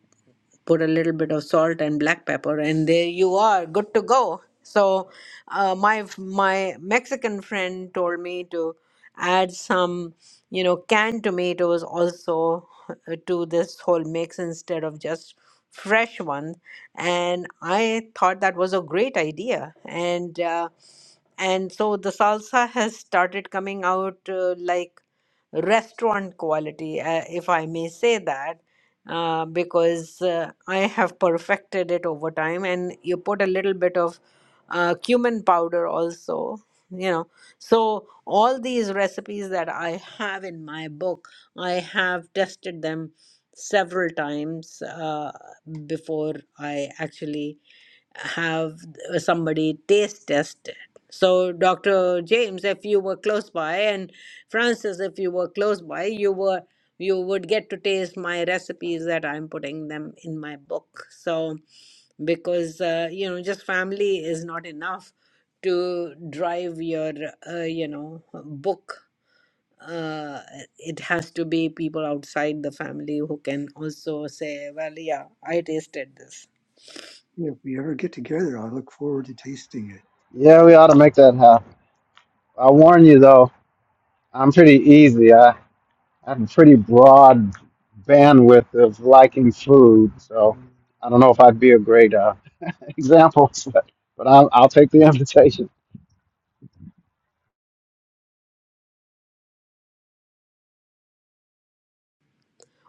S1: put a little bit of salt and black pepper and there you are good to go so uh, my my mexican friend told me to add some you know canned tomatoes also uh, to this whole mix instead of just fresh one and i thought that was a great idea and uh, and so the salsa has started coming out uh, like restaurant quality, uh, if I may say that, uh, because uh, I have perfected it over time. And you put a little bit of uh, cumin powder also, you know. So, all these recipes that I have in my book, I have tested them several times uh, before I actually have somebody taste test So, Dr. James, if you were close by, and Francis, if you were close by, you were you would get to taste my recipes that I'm putting them in my book. So, because uh, you know, just family is not enough to drive your uh, you know book. Uh, it has to be people outside the family who can also say, "Well, yeah, I tasted this."
S7: Yeah, if we ever get together, I look forward to tasting it.
S3: Yeah, we ought to make that happen. I warn you though, I'm pretty easy. I, I have a pretty broad bandwidth of liking food, so I don't know if I'd be a great uh, example, but, but I'll, I'll take the invitation.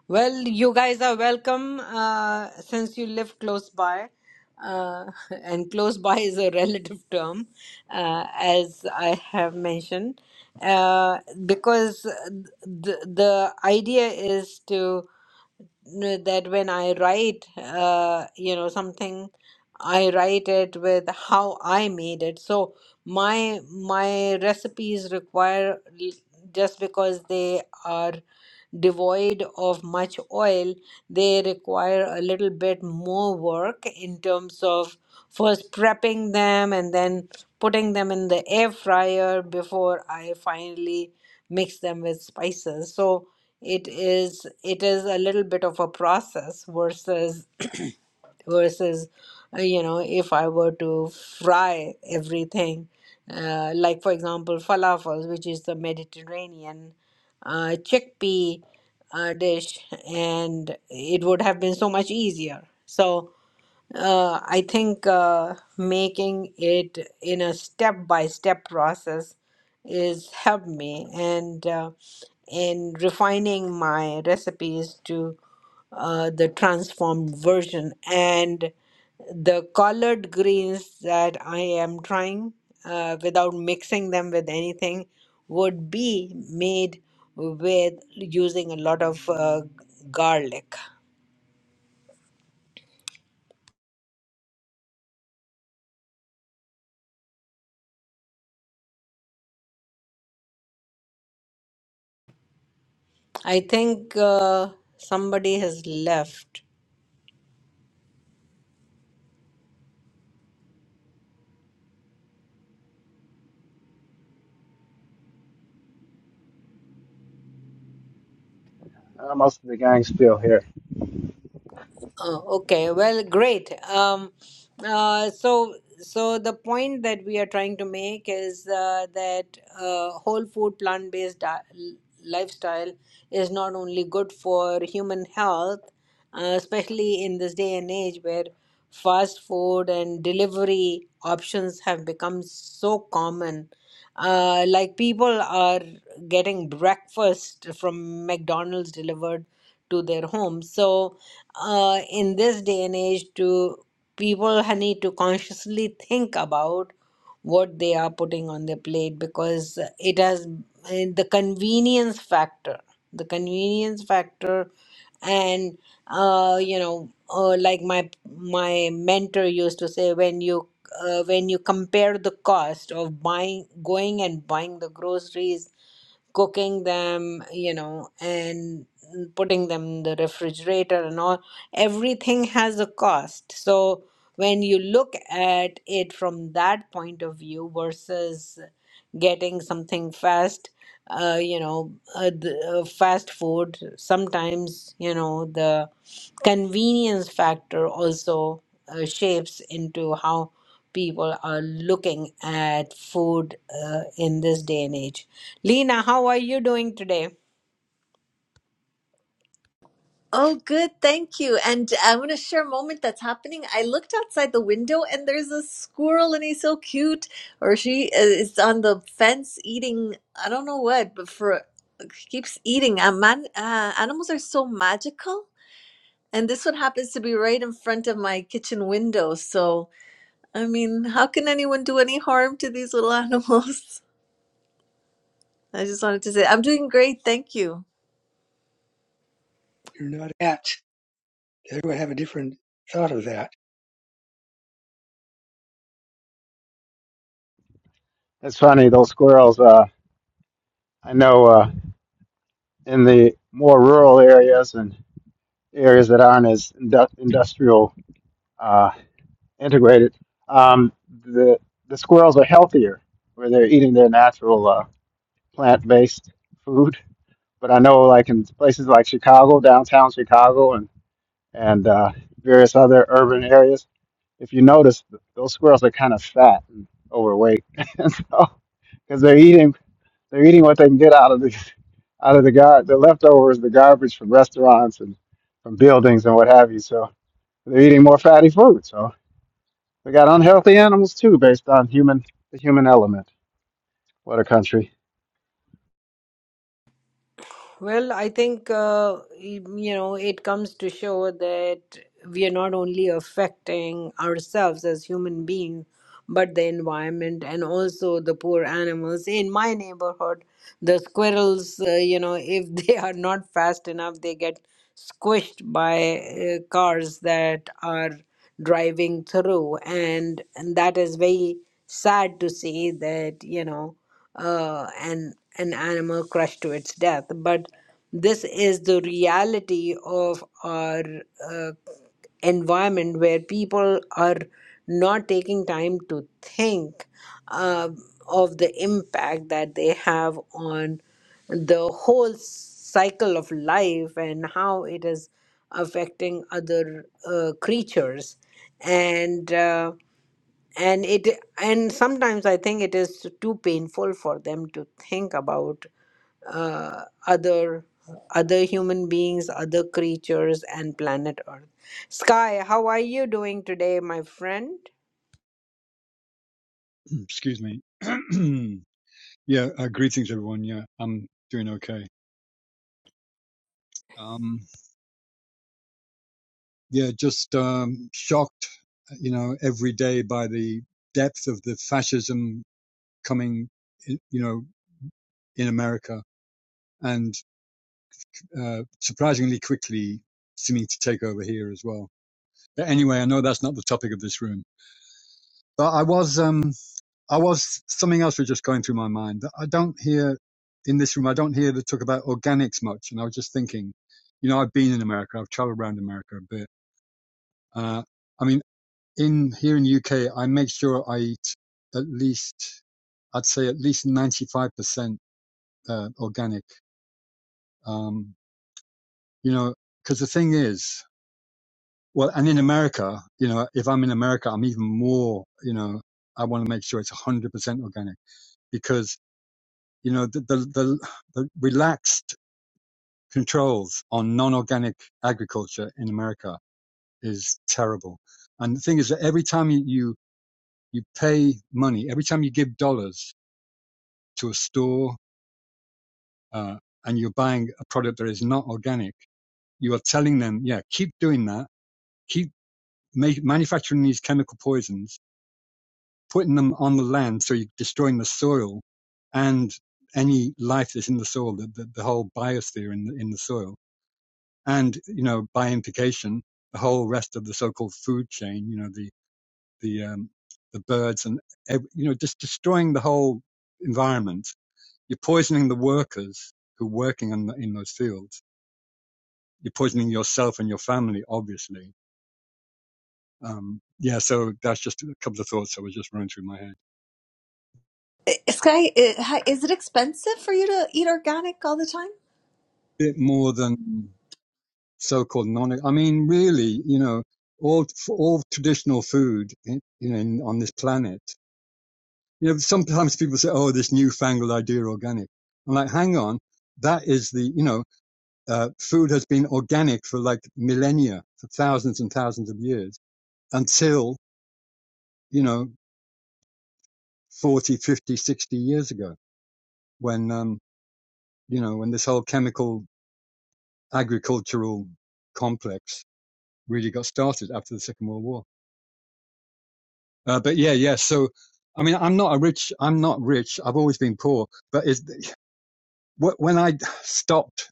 S1: Well, you guys are welcome uh, since you live close by. Uh, and close by is a relative term, uh, as I have mentioned, uh, because the, the idea is to know that when I write, uh, you know, something, I write it with how I made it. So my my recipes require just because they are devoid of much oil, they require a little bit more work in terms of first prepping them and then putting them in the air fryer before I finally mix them with spices. So it is it is a little bit of a process versus versus uh, you know if i were to fry everything uh, like for example falafels which is the mediterranean uh, chickpea uh, dish and it would have been so much easier so uh, I think uh, making it in a step-by-step process is helped me, and uh, in refining my recipes to uh, the transformed version and the colored greens that I am trying uh, without mixing them with anything would be made with using a lot of uh, garlic. I think uh, somebody has left.
S3: Uh, most of the gang's still here.
S1: Oh, okay. Well, great. Um, uh, so, so the point that we are trying to make is uh, that uh, whole food, plant-based di l- lifestyle is not only good for human health, uh, especially in this day and age where fast food and delivery options have become so common. Uh, like people are getting breakfast from McDonald's delivered to their home. So, uh, in this day and age, to people ha- need to consciously think about what they are putting on their plate because it has eh, the convenience factor, the convenience factor, and uh, you know, uh, like my my mentor used to say, when you uh, when you compare the cost of buying, going and buying the groceries cooking them, you know, and putting them in the refrigerator and all. Everything has a cost. So when you look at it from that point of view versus getting something fast, uh, you know, uh, the, uh, fast food, sometimes, you know, the convenience factor also uh, shapes into how people are looking at food uh, in this day and age. Lena, how are you doing today?
S4: Oh, good. Thank you. And I want to share a moment that's happening. I looked outside the window and there's a squirrel and he's so cute. Or she is on the fence eating, I don't know what, but for keeps eating. Uh, man, uh, animals are so magical. And this one happens to be right in front of my kitchen window. So, I mean, how can anyone do any harm to these little animals? I just wanted to say, I'm doing great. Thank you.
S7: You're not at. Everyone have a different thought of that.
S3: It's funny those squirrels. Uh, I know uh, in the more rural areas and areas that aren't as indu- industrial uh, integrated, um, the the squirrels are healthier where they're eating their natural. uh, plant-based food. But I know like in places like Chicago, downtown Chicago, and and uh, various other urban areas, if you notice, those squirrels are kind of fat and overweight, and so because they're eating they're eating what they can get out of the out of the gar the leftovers, the garbage from restaurants and from buildings and what have you. So they're eating more fatty food. So we got unhealthy animals too, based on human the human element. What a country.
S1: Well, I think uh, y- you know it comes to show that we are not only affecting ourselves as human beings, but the environment and also the poor animals. In my neighborhood, the squirrels, uh, you know, if they are not fast enough, they get squished by uh, cars that are driving through and, and that is very sad to see that you know uh, an an animal crushed to its death but this is the reality of our uh, environment where people are not taking time to think uh, of the impact that they have on the whole cycle of life and how it is affecting other uh, creatures and uh, and it and sometimes i think it is too painful for them to think about uh, other other human beings other creatures and planet earth sky how are you doing today my friend
S8: Excuse me. yeah, uh, greetings everyone. Yeah, I'm doing okay. Um, yeah, just um, shocked, uh, you know, every day by the depth of the fascism coming, you know, in America and uh, surprisingly quickly seeming to take over here as well. But anyway, I know that's not the topic of this room, but I was. Um, I was something else was just going through my mind. I don't hear in this room. I don't hear the talk about organics much. And I was just thinking, you know, I've been in America. I've traveled around America a bit. Uh, I mean, in here in the UK, I make sure I eat at least, I'd say at least 95% uh, organic. Um, you know, because the thing is, well, and in America, you know, if I'm in America, I'm even more, you know, I want to make sure it's 100% organic because you know, the, the, the, the relaxed controls on non-organic agriculture in America is terrible. And the thing is that every time you, you, you pay money, every time you give dollars to a store, uh, and you're buying a product that is not organic, you are telling them, yeah, keep doing that. Keep ma- manufacturing these chemical poisons, putting them on the land. So you're destroying the soil and any life that's in the soil, the, the, the whole biosphere in the, in the soil. and you know by implication the whole rest of the so-called food chain you know the the um, the birds and you know just destroying the whole environment you're poisoning the workers who are working in, the, in those fields you're poisoning yourself and your family obviously um, yeah so that's just a couple of thoughts that were just running through my head
S4: I- Sky, i- hi- is it expensive for you to eat organic all the time?
S8: A bit more than so-called non i mean really you know all all traditional food in, you know, on this planet You know, sometimes people say, "Oh, this newfangled idea, organic." I'm like, hang on, that is the you know, uh, food has been organic for like millennia, for thousands and thousands of years, until you know, 40, 50, 60 years ago, when um, you know, when this whole chemical agricultural complex really got started after the Second World War. Uh, but yeah, yeah. So, I mean, I'm not a rich. I'm not rich. I've always been poor. But is when I stopped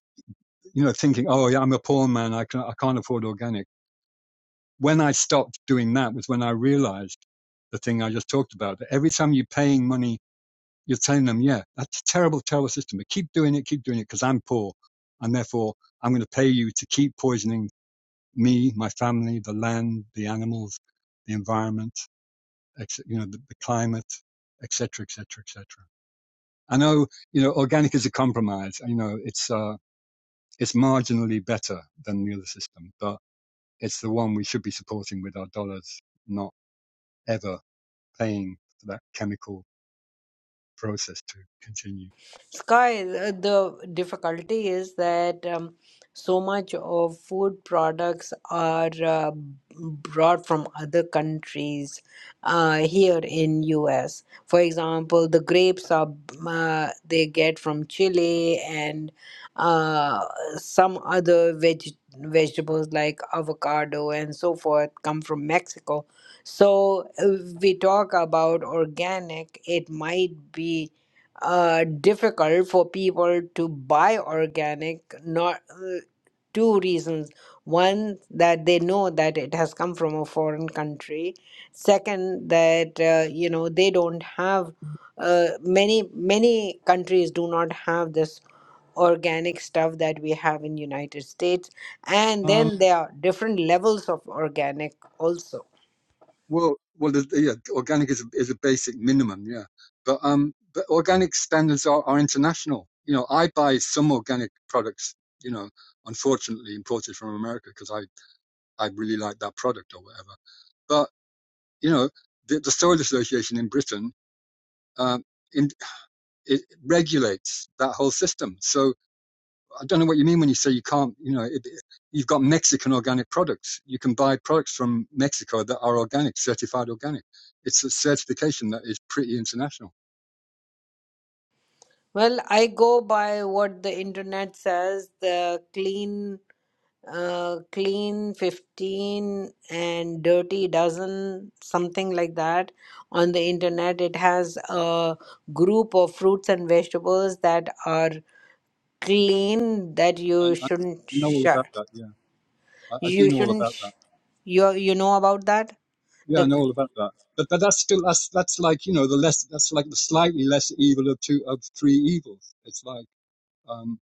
S8: you know, thinking, oh, yeah, I'm a poor man. I, can, I can't afford organic. When I stopped doing that was when I realized the thing I just talked about. That every time you're paying money, you're telling them, yeah, that's a terrible, terrible system, but keep doing it, keep doing it because I'm poor. And therefore, I'm going to pay you to keep poisoning me, my family, the land, the animals, the environment, you know, the, the climate, et cetera, et cetera, et cetera. I know, you know, organic is a compromise. You know, it's, uh, it's marginally better than the other system, but It's the one we should be supporting with our dollars, not ever paying for that chemical process to continue.
S1: Sky, uh, the difficulty is that um, so much of food products are uh, brought from other countries uh, here in US. For example, the grapes are uh, they get from Chile and uh, some other veg vegetables like avocado and so forth come from Mexico. So uh, we talk about organic, it might be uh, difficult for people to buy organic not uh, two reasons one that they know that it has come from a foreign country second that uh, you know they don't have uh, many many countries do not have this organic stuff that we have in united states and
S8: Um,
S1: then there are different levels of organic also
S8: well, well, yeah, organic is a, is a basic minimum, yeah. But um, but organic standards are, are international. You know, I buy some organic products, you know, unfortunately imported from America because I I really like that product or whatever. But you know, the, the Soil Association in Britain um, in, it regulates that whole system. So I don't know what you mean when you say you can't. You know, it, you've got Mexican organic products. You can buy products from Mexico that are organic, certified organic. It's a certification that is pretty international.
S1: well i go by what the internet says the clean uh, clean 15 and dirty dozen, something like that. On the internet, it has a group of fruits and vegetables that are clean that
S8: I,
S1: you
S8: I
S1: shouldn't
S8: know all about
S1: share.
S8: that. Yeah, I, I do
S1: You
S8: know all
S1: shouldn't,
S8: about
S1: sh-
S8: that.
S1: you, you know about that?
S8: Yeah, I
S1: The
S8: know all about that. But but that's still that's that's like you know the less that's like the slightly less evil of two of three evils. It's like um,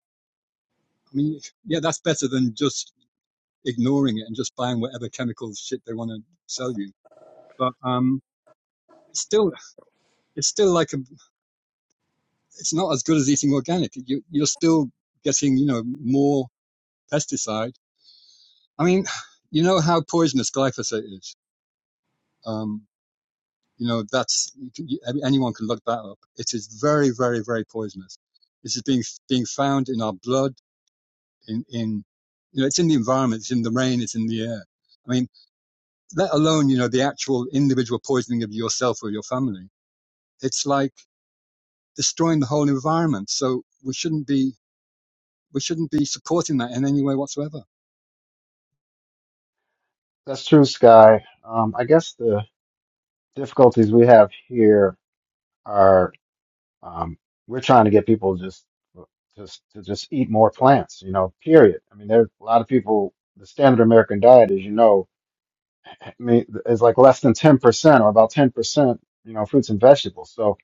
S8: I mean yeah, that's better than just ignoring it and just buying whatever chemical shit they want to sell you. But um, it's still it's still like a it's not as good as eating organic. You, you're still getting, you know, more pesticide. I mean, you know how poisonous glyphosate is. Um, you know, that's anyone can look that up. It is very, very, very poisonous. This is being being found in our blood, in in you know, it's in the environment, it's in the rain, it's in the air. I mean, let alone you know the actual individual poisoning of yourself or your family. It's like destroying the whole environment. So we shouldn't be we shouldn't be supporting that in any way whatsoever.
S3: That's true, Sky. Um, I guess the difficulties we have here are um, we're trying to get people just just to just eat more plants, you know, period. I mean, there's a lot of people, the standard American diet, as you know, I mean, is like less than 10% or about 10%, you know, fruits and vegetables. So,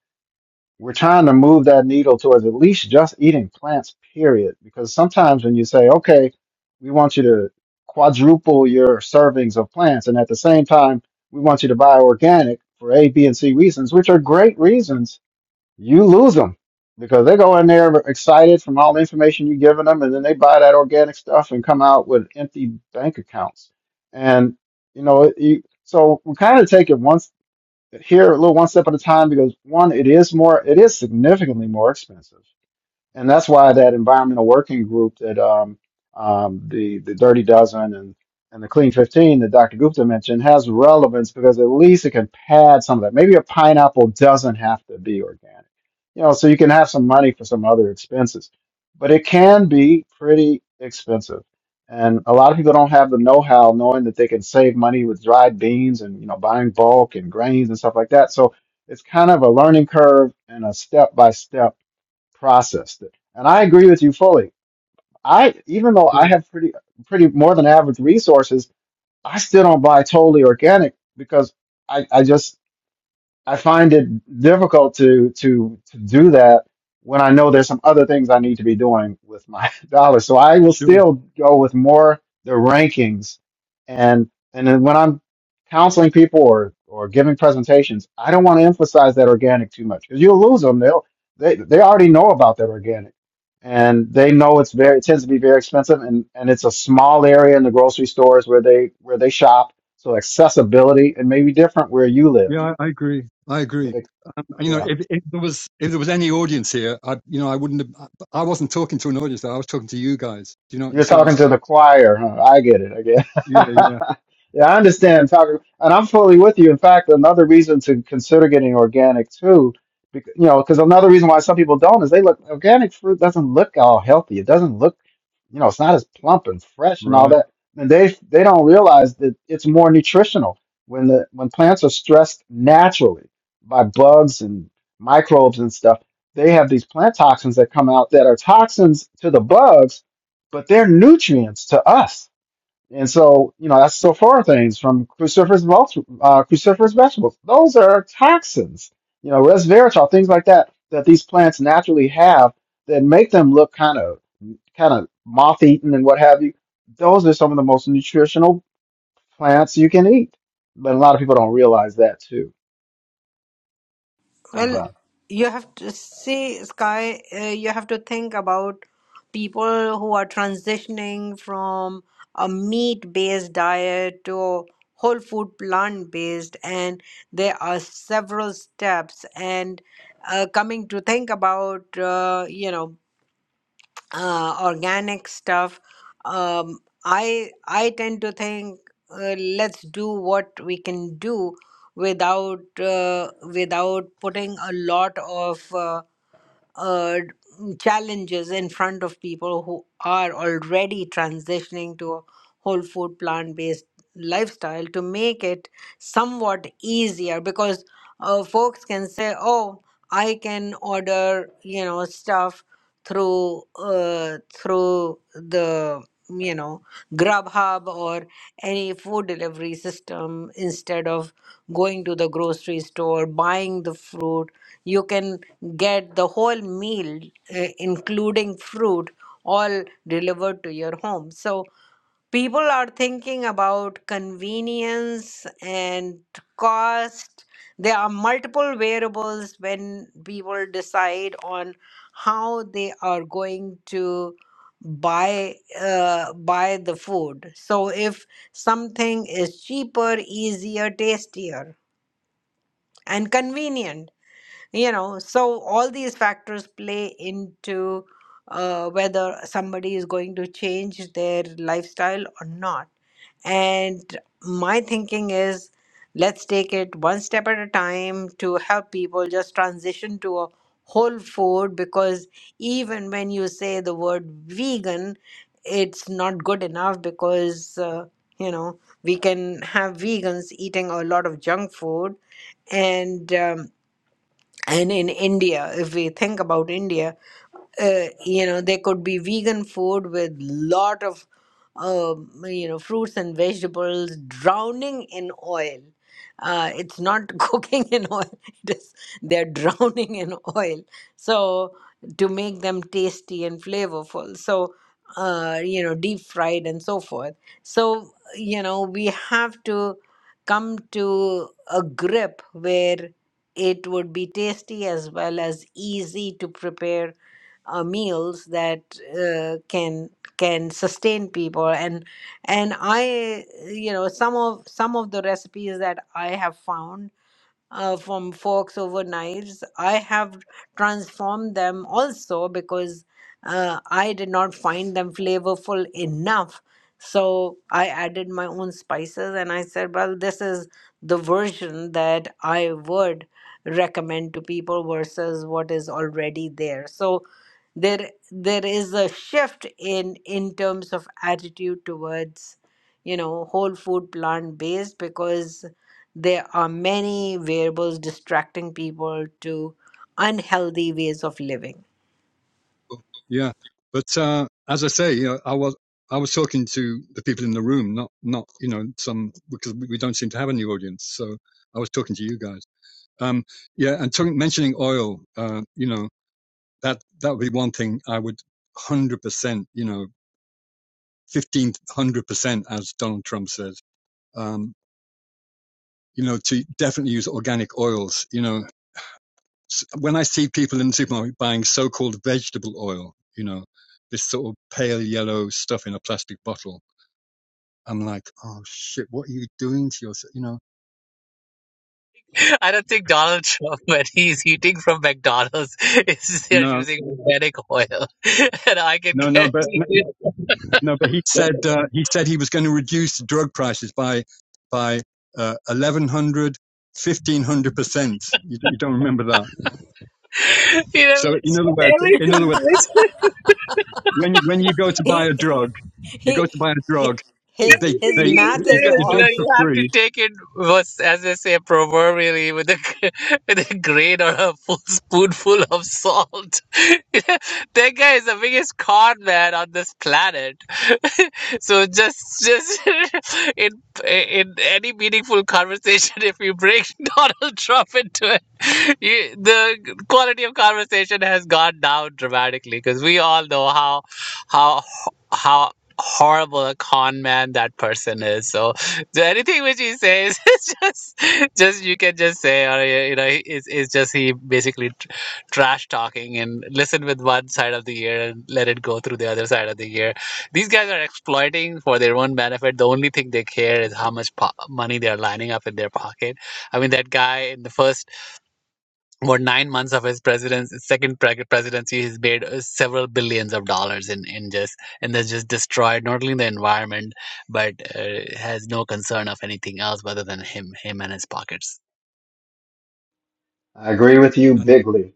S3: we're trying to move that needle towards at least just eating plants, period. Because sometimes when you say, okay, we want you to quadruple your servings of plants, and at the same time, we want you to buy organic for A, B, and C reasons, which are great reasons, you lose them because they go in there excited from all the information you've given them, and then they buy that organic stuff and come out with empty bank accounts. And, you know, you, so we kind of take it once here, a little one step at a time because one, it is more, it is significantly more expensive and that's why that environmental working group that um, um, the the Dirty Dozen and and the Clean Fifteen that Dr. Gupta mentioned has relevance because at least it can pad some of that. Maybe a pineapple doesn't have to be organic, you know, so you can have some money for some other expenses, but it can be pretty expensive. And a lot of people don't have the know-how, knowing that they can save money with dried beans and you know buying bulk and grains and stuff like that. So it's kind of a learning curve and a step-by-step processed it. And I agree with you fully. I even though I
S8: Sure,
S3: have pretty pretty more than average resources, I still don't buy totally organic because I, I just I find it difficult to to to do that when I know there's some other things I need to be doing with my dollars. So I will
S8: sure.
S3: still go with more the rankings, and and then when I'm counseling people or or giving presentations, I don't want to emphasize that organic too much because you'll lose them. They'll they they already know about that organic, and they know it's very it tends to be very expensive, and and it's a small area in the grocery stores where they where they shop. So accessibility it may be different where you live
S8: Yeah, I, I agree. I
S3: but
S8: agree.
S3: like,
S8: And, you know,
S3: yeah,
S8: if, if there was if there was any audience here, I you know I wouldn't have. I I wasn't talking to an audience. I was talking to you guys. Do you know? You
S3: You're
S8: see what I'm
S3: talking
S8: saying?
S3: to the choir, huh? I get it. I get
S8: Yeah, yeah,
S3: it. Yeah, I understand. Talking, and I'm fully with you. In fact, another reason to consider getting organic too, bec you know, because another reason why some people don't is they look organic fruit doesn't look all healthy. It doesn't look, you know, it's not as plump and fresh and all
S8: right.
S3: that. And they they don't realize that it's more nutritional when the when plants are stressed naturally by bugs and microbes and stuff. They have these plant toxins that come out that are toxins to the bugs but they're nutrients to us. And so, you know, that's sulfur things from cruciferous, vult- uh, cruciferous vegetables. Those are toxins, you know, resveratrol, things like that, that these plants naturally have that make them look kind of, kind of moth-eaten and what have you. Those are some of the most nutritional plants you can eat. But a lot of people don't realize that too. I'm
S1: Well,
S3: done.
S1: you have to see, Sky, uh, you have to think about people who are transitioning from a meat-based diet to whole food plant-based, and there are several steps. And uh, coming to think about, uh, you know, uh, organic stuff. Um, I I tend to think uh, let's do what we can do without uh, without putting a lot of uh, uh, challenges in front of people who are already transitioning to a whole food plant based lifestyle to make it somewhat easier because uh, folks can say, oh, I can order you know stuff through uh, through the you know Grubhub or any food delivery system instead of going to the grocery store buying the fruit you can get the whole meal uh, including fruit all delivered to your home so people are thinking about convenience and cost. There are multiple variables when people decide on how they are going to buy uh, buy the food. So if something is cheaper, easier, tastier, and convenient you know so all these factors play into uh, whether somebody is going to change their lifestyle or not and my thinking is let's take it one step at a time to help people just transition to a whole food because even when you say the word vegan it's not good enough because uh, you know we can have vegans eating a lot of junk food and um, and in India, if we think about India, uh, you know there could be vegan food with lot of um, you know fruits and vegetables drowning in oil uh, it's not cooking in oil it is they're drowning in oil so to make them tasty and flavorful so uh, you know deep fried and so forth so you know we have to come to a grip where it would be tasty as well as easy to prepare uh, meals that uh, can can sustain people and and I you know some of some of the recipes that I have found uh, from forks over knives. I have transformed them also because uh, I did not find them flavorful enough. So I added my own spices and I said, well, this is the version that I would recommend to people versus what is already there. So there there is a shift in in terms of attitude towards you know whole food plant based because there are many variables distracting people to unhealthy ways of living.
S8: Yeah, but uh, as I say, you know, I was I was talking to the people in the room, not not you know some because we don't seem to have any audience. So I was talking to you guys. Um, yeah, and talking, mentioning oil, uh, you know, that that would be one thing I would one hundred percent, you know 1500% as Donald Trump says. Um, you know, to definitely use organic oils. You know, when I see people in the supermarket buying so-called vegetable oil, you know, this sort of pale yellow stuff in a plastic bottle, I'm like, oh shit, what are you doing to yourself? You know,
S5: I don't think Donald Trump, when he's eating from McDonald's, is they're
S8: no,
S5: using organic oil. And I can
S8: no, no, but
S5: guarantee
S8: no,
S5: you,
S8: no, but he said uh, he said he was going to reduce drug prices by by uh, 1100, percent. you don't remember that.
S5: you
S8: So
S5: know,
S8: in other words, in other words.
S5: everything. which
S8: when you, when you go to buy
S1: he,
S8: a drug, you go
S1: he,
S8: to buy a
S1: he,
S8: drug.
S1: his
S8: They
S1: his
S5: Everything
S8: they
S5: he
S1: math
S8: you
S1: is
S8: get
S5: says,
S8: the
S5: you
S1: off.
S8: drug
S5: know,
S8: for
S5: you have to
S8: free,
S5: take it was, as they say proverbially, with a with a grain or a full spoonful of salt. that guy is the biggest con man on this planet. so just just in in any meaningful conversation, if you bring Donald Trump into it, you, the quality of conversation has gone down dramatically because we all know how how how horrible a con man that person is. So, so anything which he says is just, just you can just say, or you you know, it's, it's just he basically tr- trash talking and listen with one side of the ear and let it go through the other side of the ear. These guys are exploiting for their own benefit. The only thing they care is how much po- money they're lining up in their pocket. I mean, that guy in the first what nine months of his president's second pre- presidency, he's made uh, several billions of dollars in in just and has just destroyed not only the environment but uh, has no concern of anything else other than him him and his pockets.
S3: I agree with you
S8: and
S3: bigly.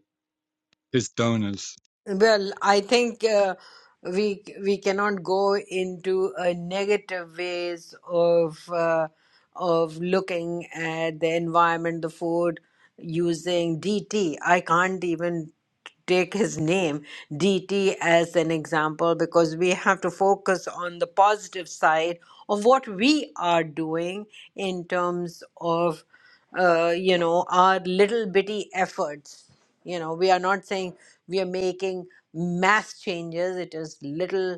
S8: his donors.
S1: Well, I think uh, we we cannot go into a negative ways of uh, of looking at the environment, the food using D T. I can't even take his name DT as an example because we have to focus on the positive side of what we are doing in terms of uh, you know our little bitty efforts you know we are not saying we are making mass changes it is little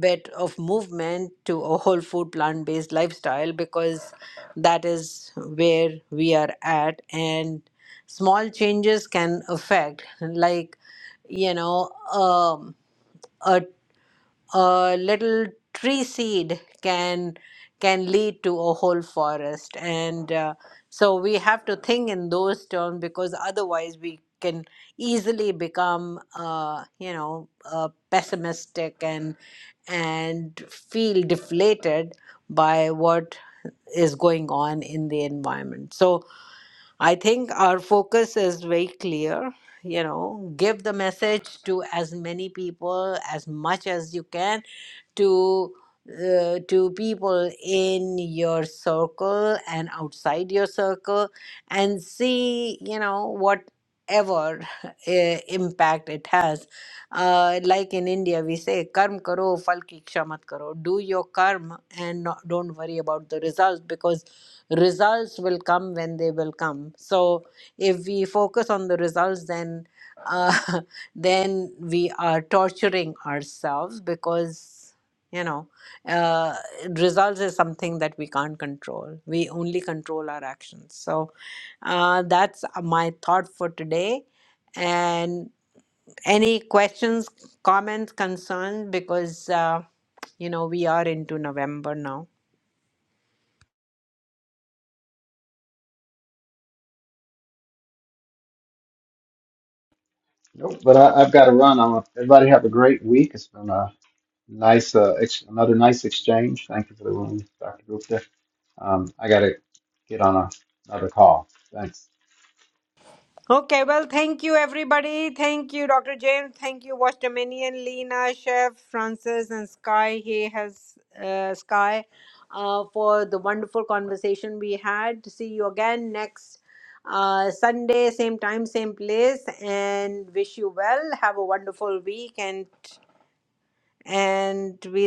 S1: bit of movement to a whole food plant based lifestyle because that is where we are at and small changes can affect like you know um, a a little tree seed can can lead to a whole forest and uh, so we have to think in those terms because otherwise we can easily become uh, you know uh, pessimistic and and feel deflated by what is going on in the environment so i think our focus is very clear you know give the message to as many people as much as you can to uh, to people in your circle and outside your circle and see you know whatever uh, impact it has uh, like in india we say karm karo fal ki iksha mat karo do your karma and not, don't worry about the results because results will come when they will come so if we focus on the results then uh, then we are torturing ourselves because you know uh, results is something that we can't control we only control our actions so uh, that's uh, my thought for today and any questions comments concerns because uh, you know we are into november now
S3: Nope, but I, I've got to run. i everybody have a great week. It's been a Nice, uh, ex another nice exchange. Thank you for the room, Dr. Gupta. Um, I gotta get on a, another call. Thanks.
S1: Okay, well, thank you, everybody. Thank you, Dr. James. Thank you, Watch Dominion, Lena, Chef, Francis, and Sky. He has uh, Sky uh, for the wonderful conversation we had. See you again next uh, Sunday, same time, same place, and wish you well. Have a wonderful week, and and we'll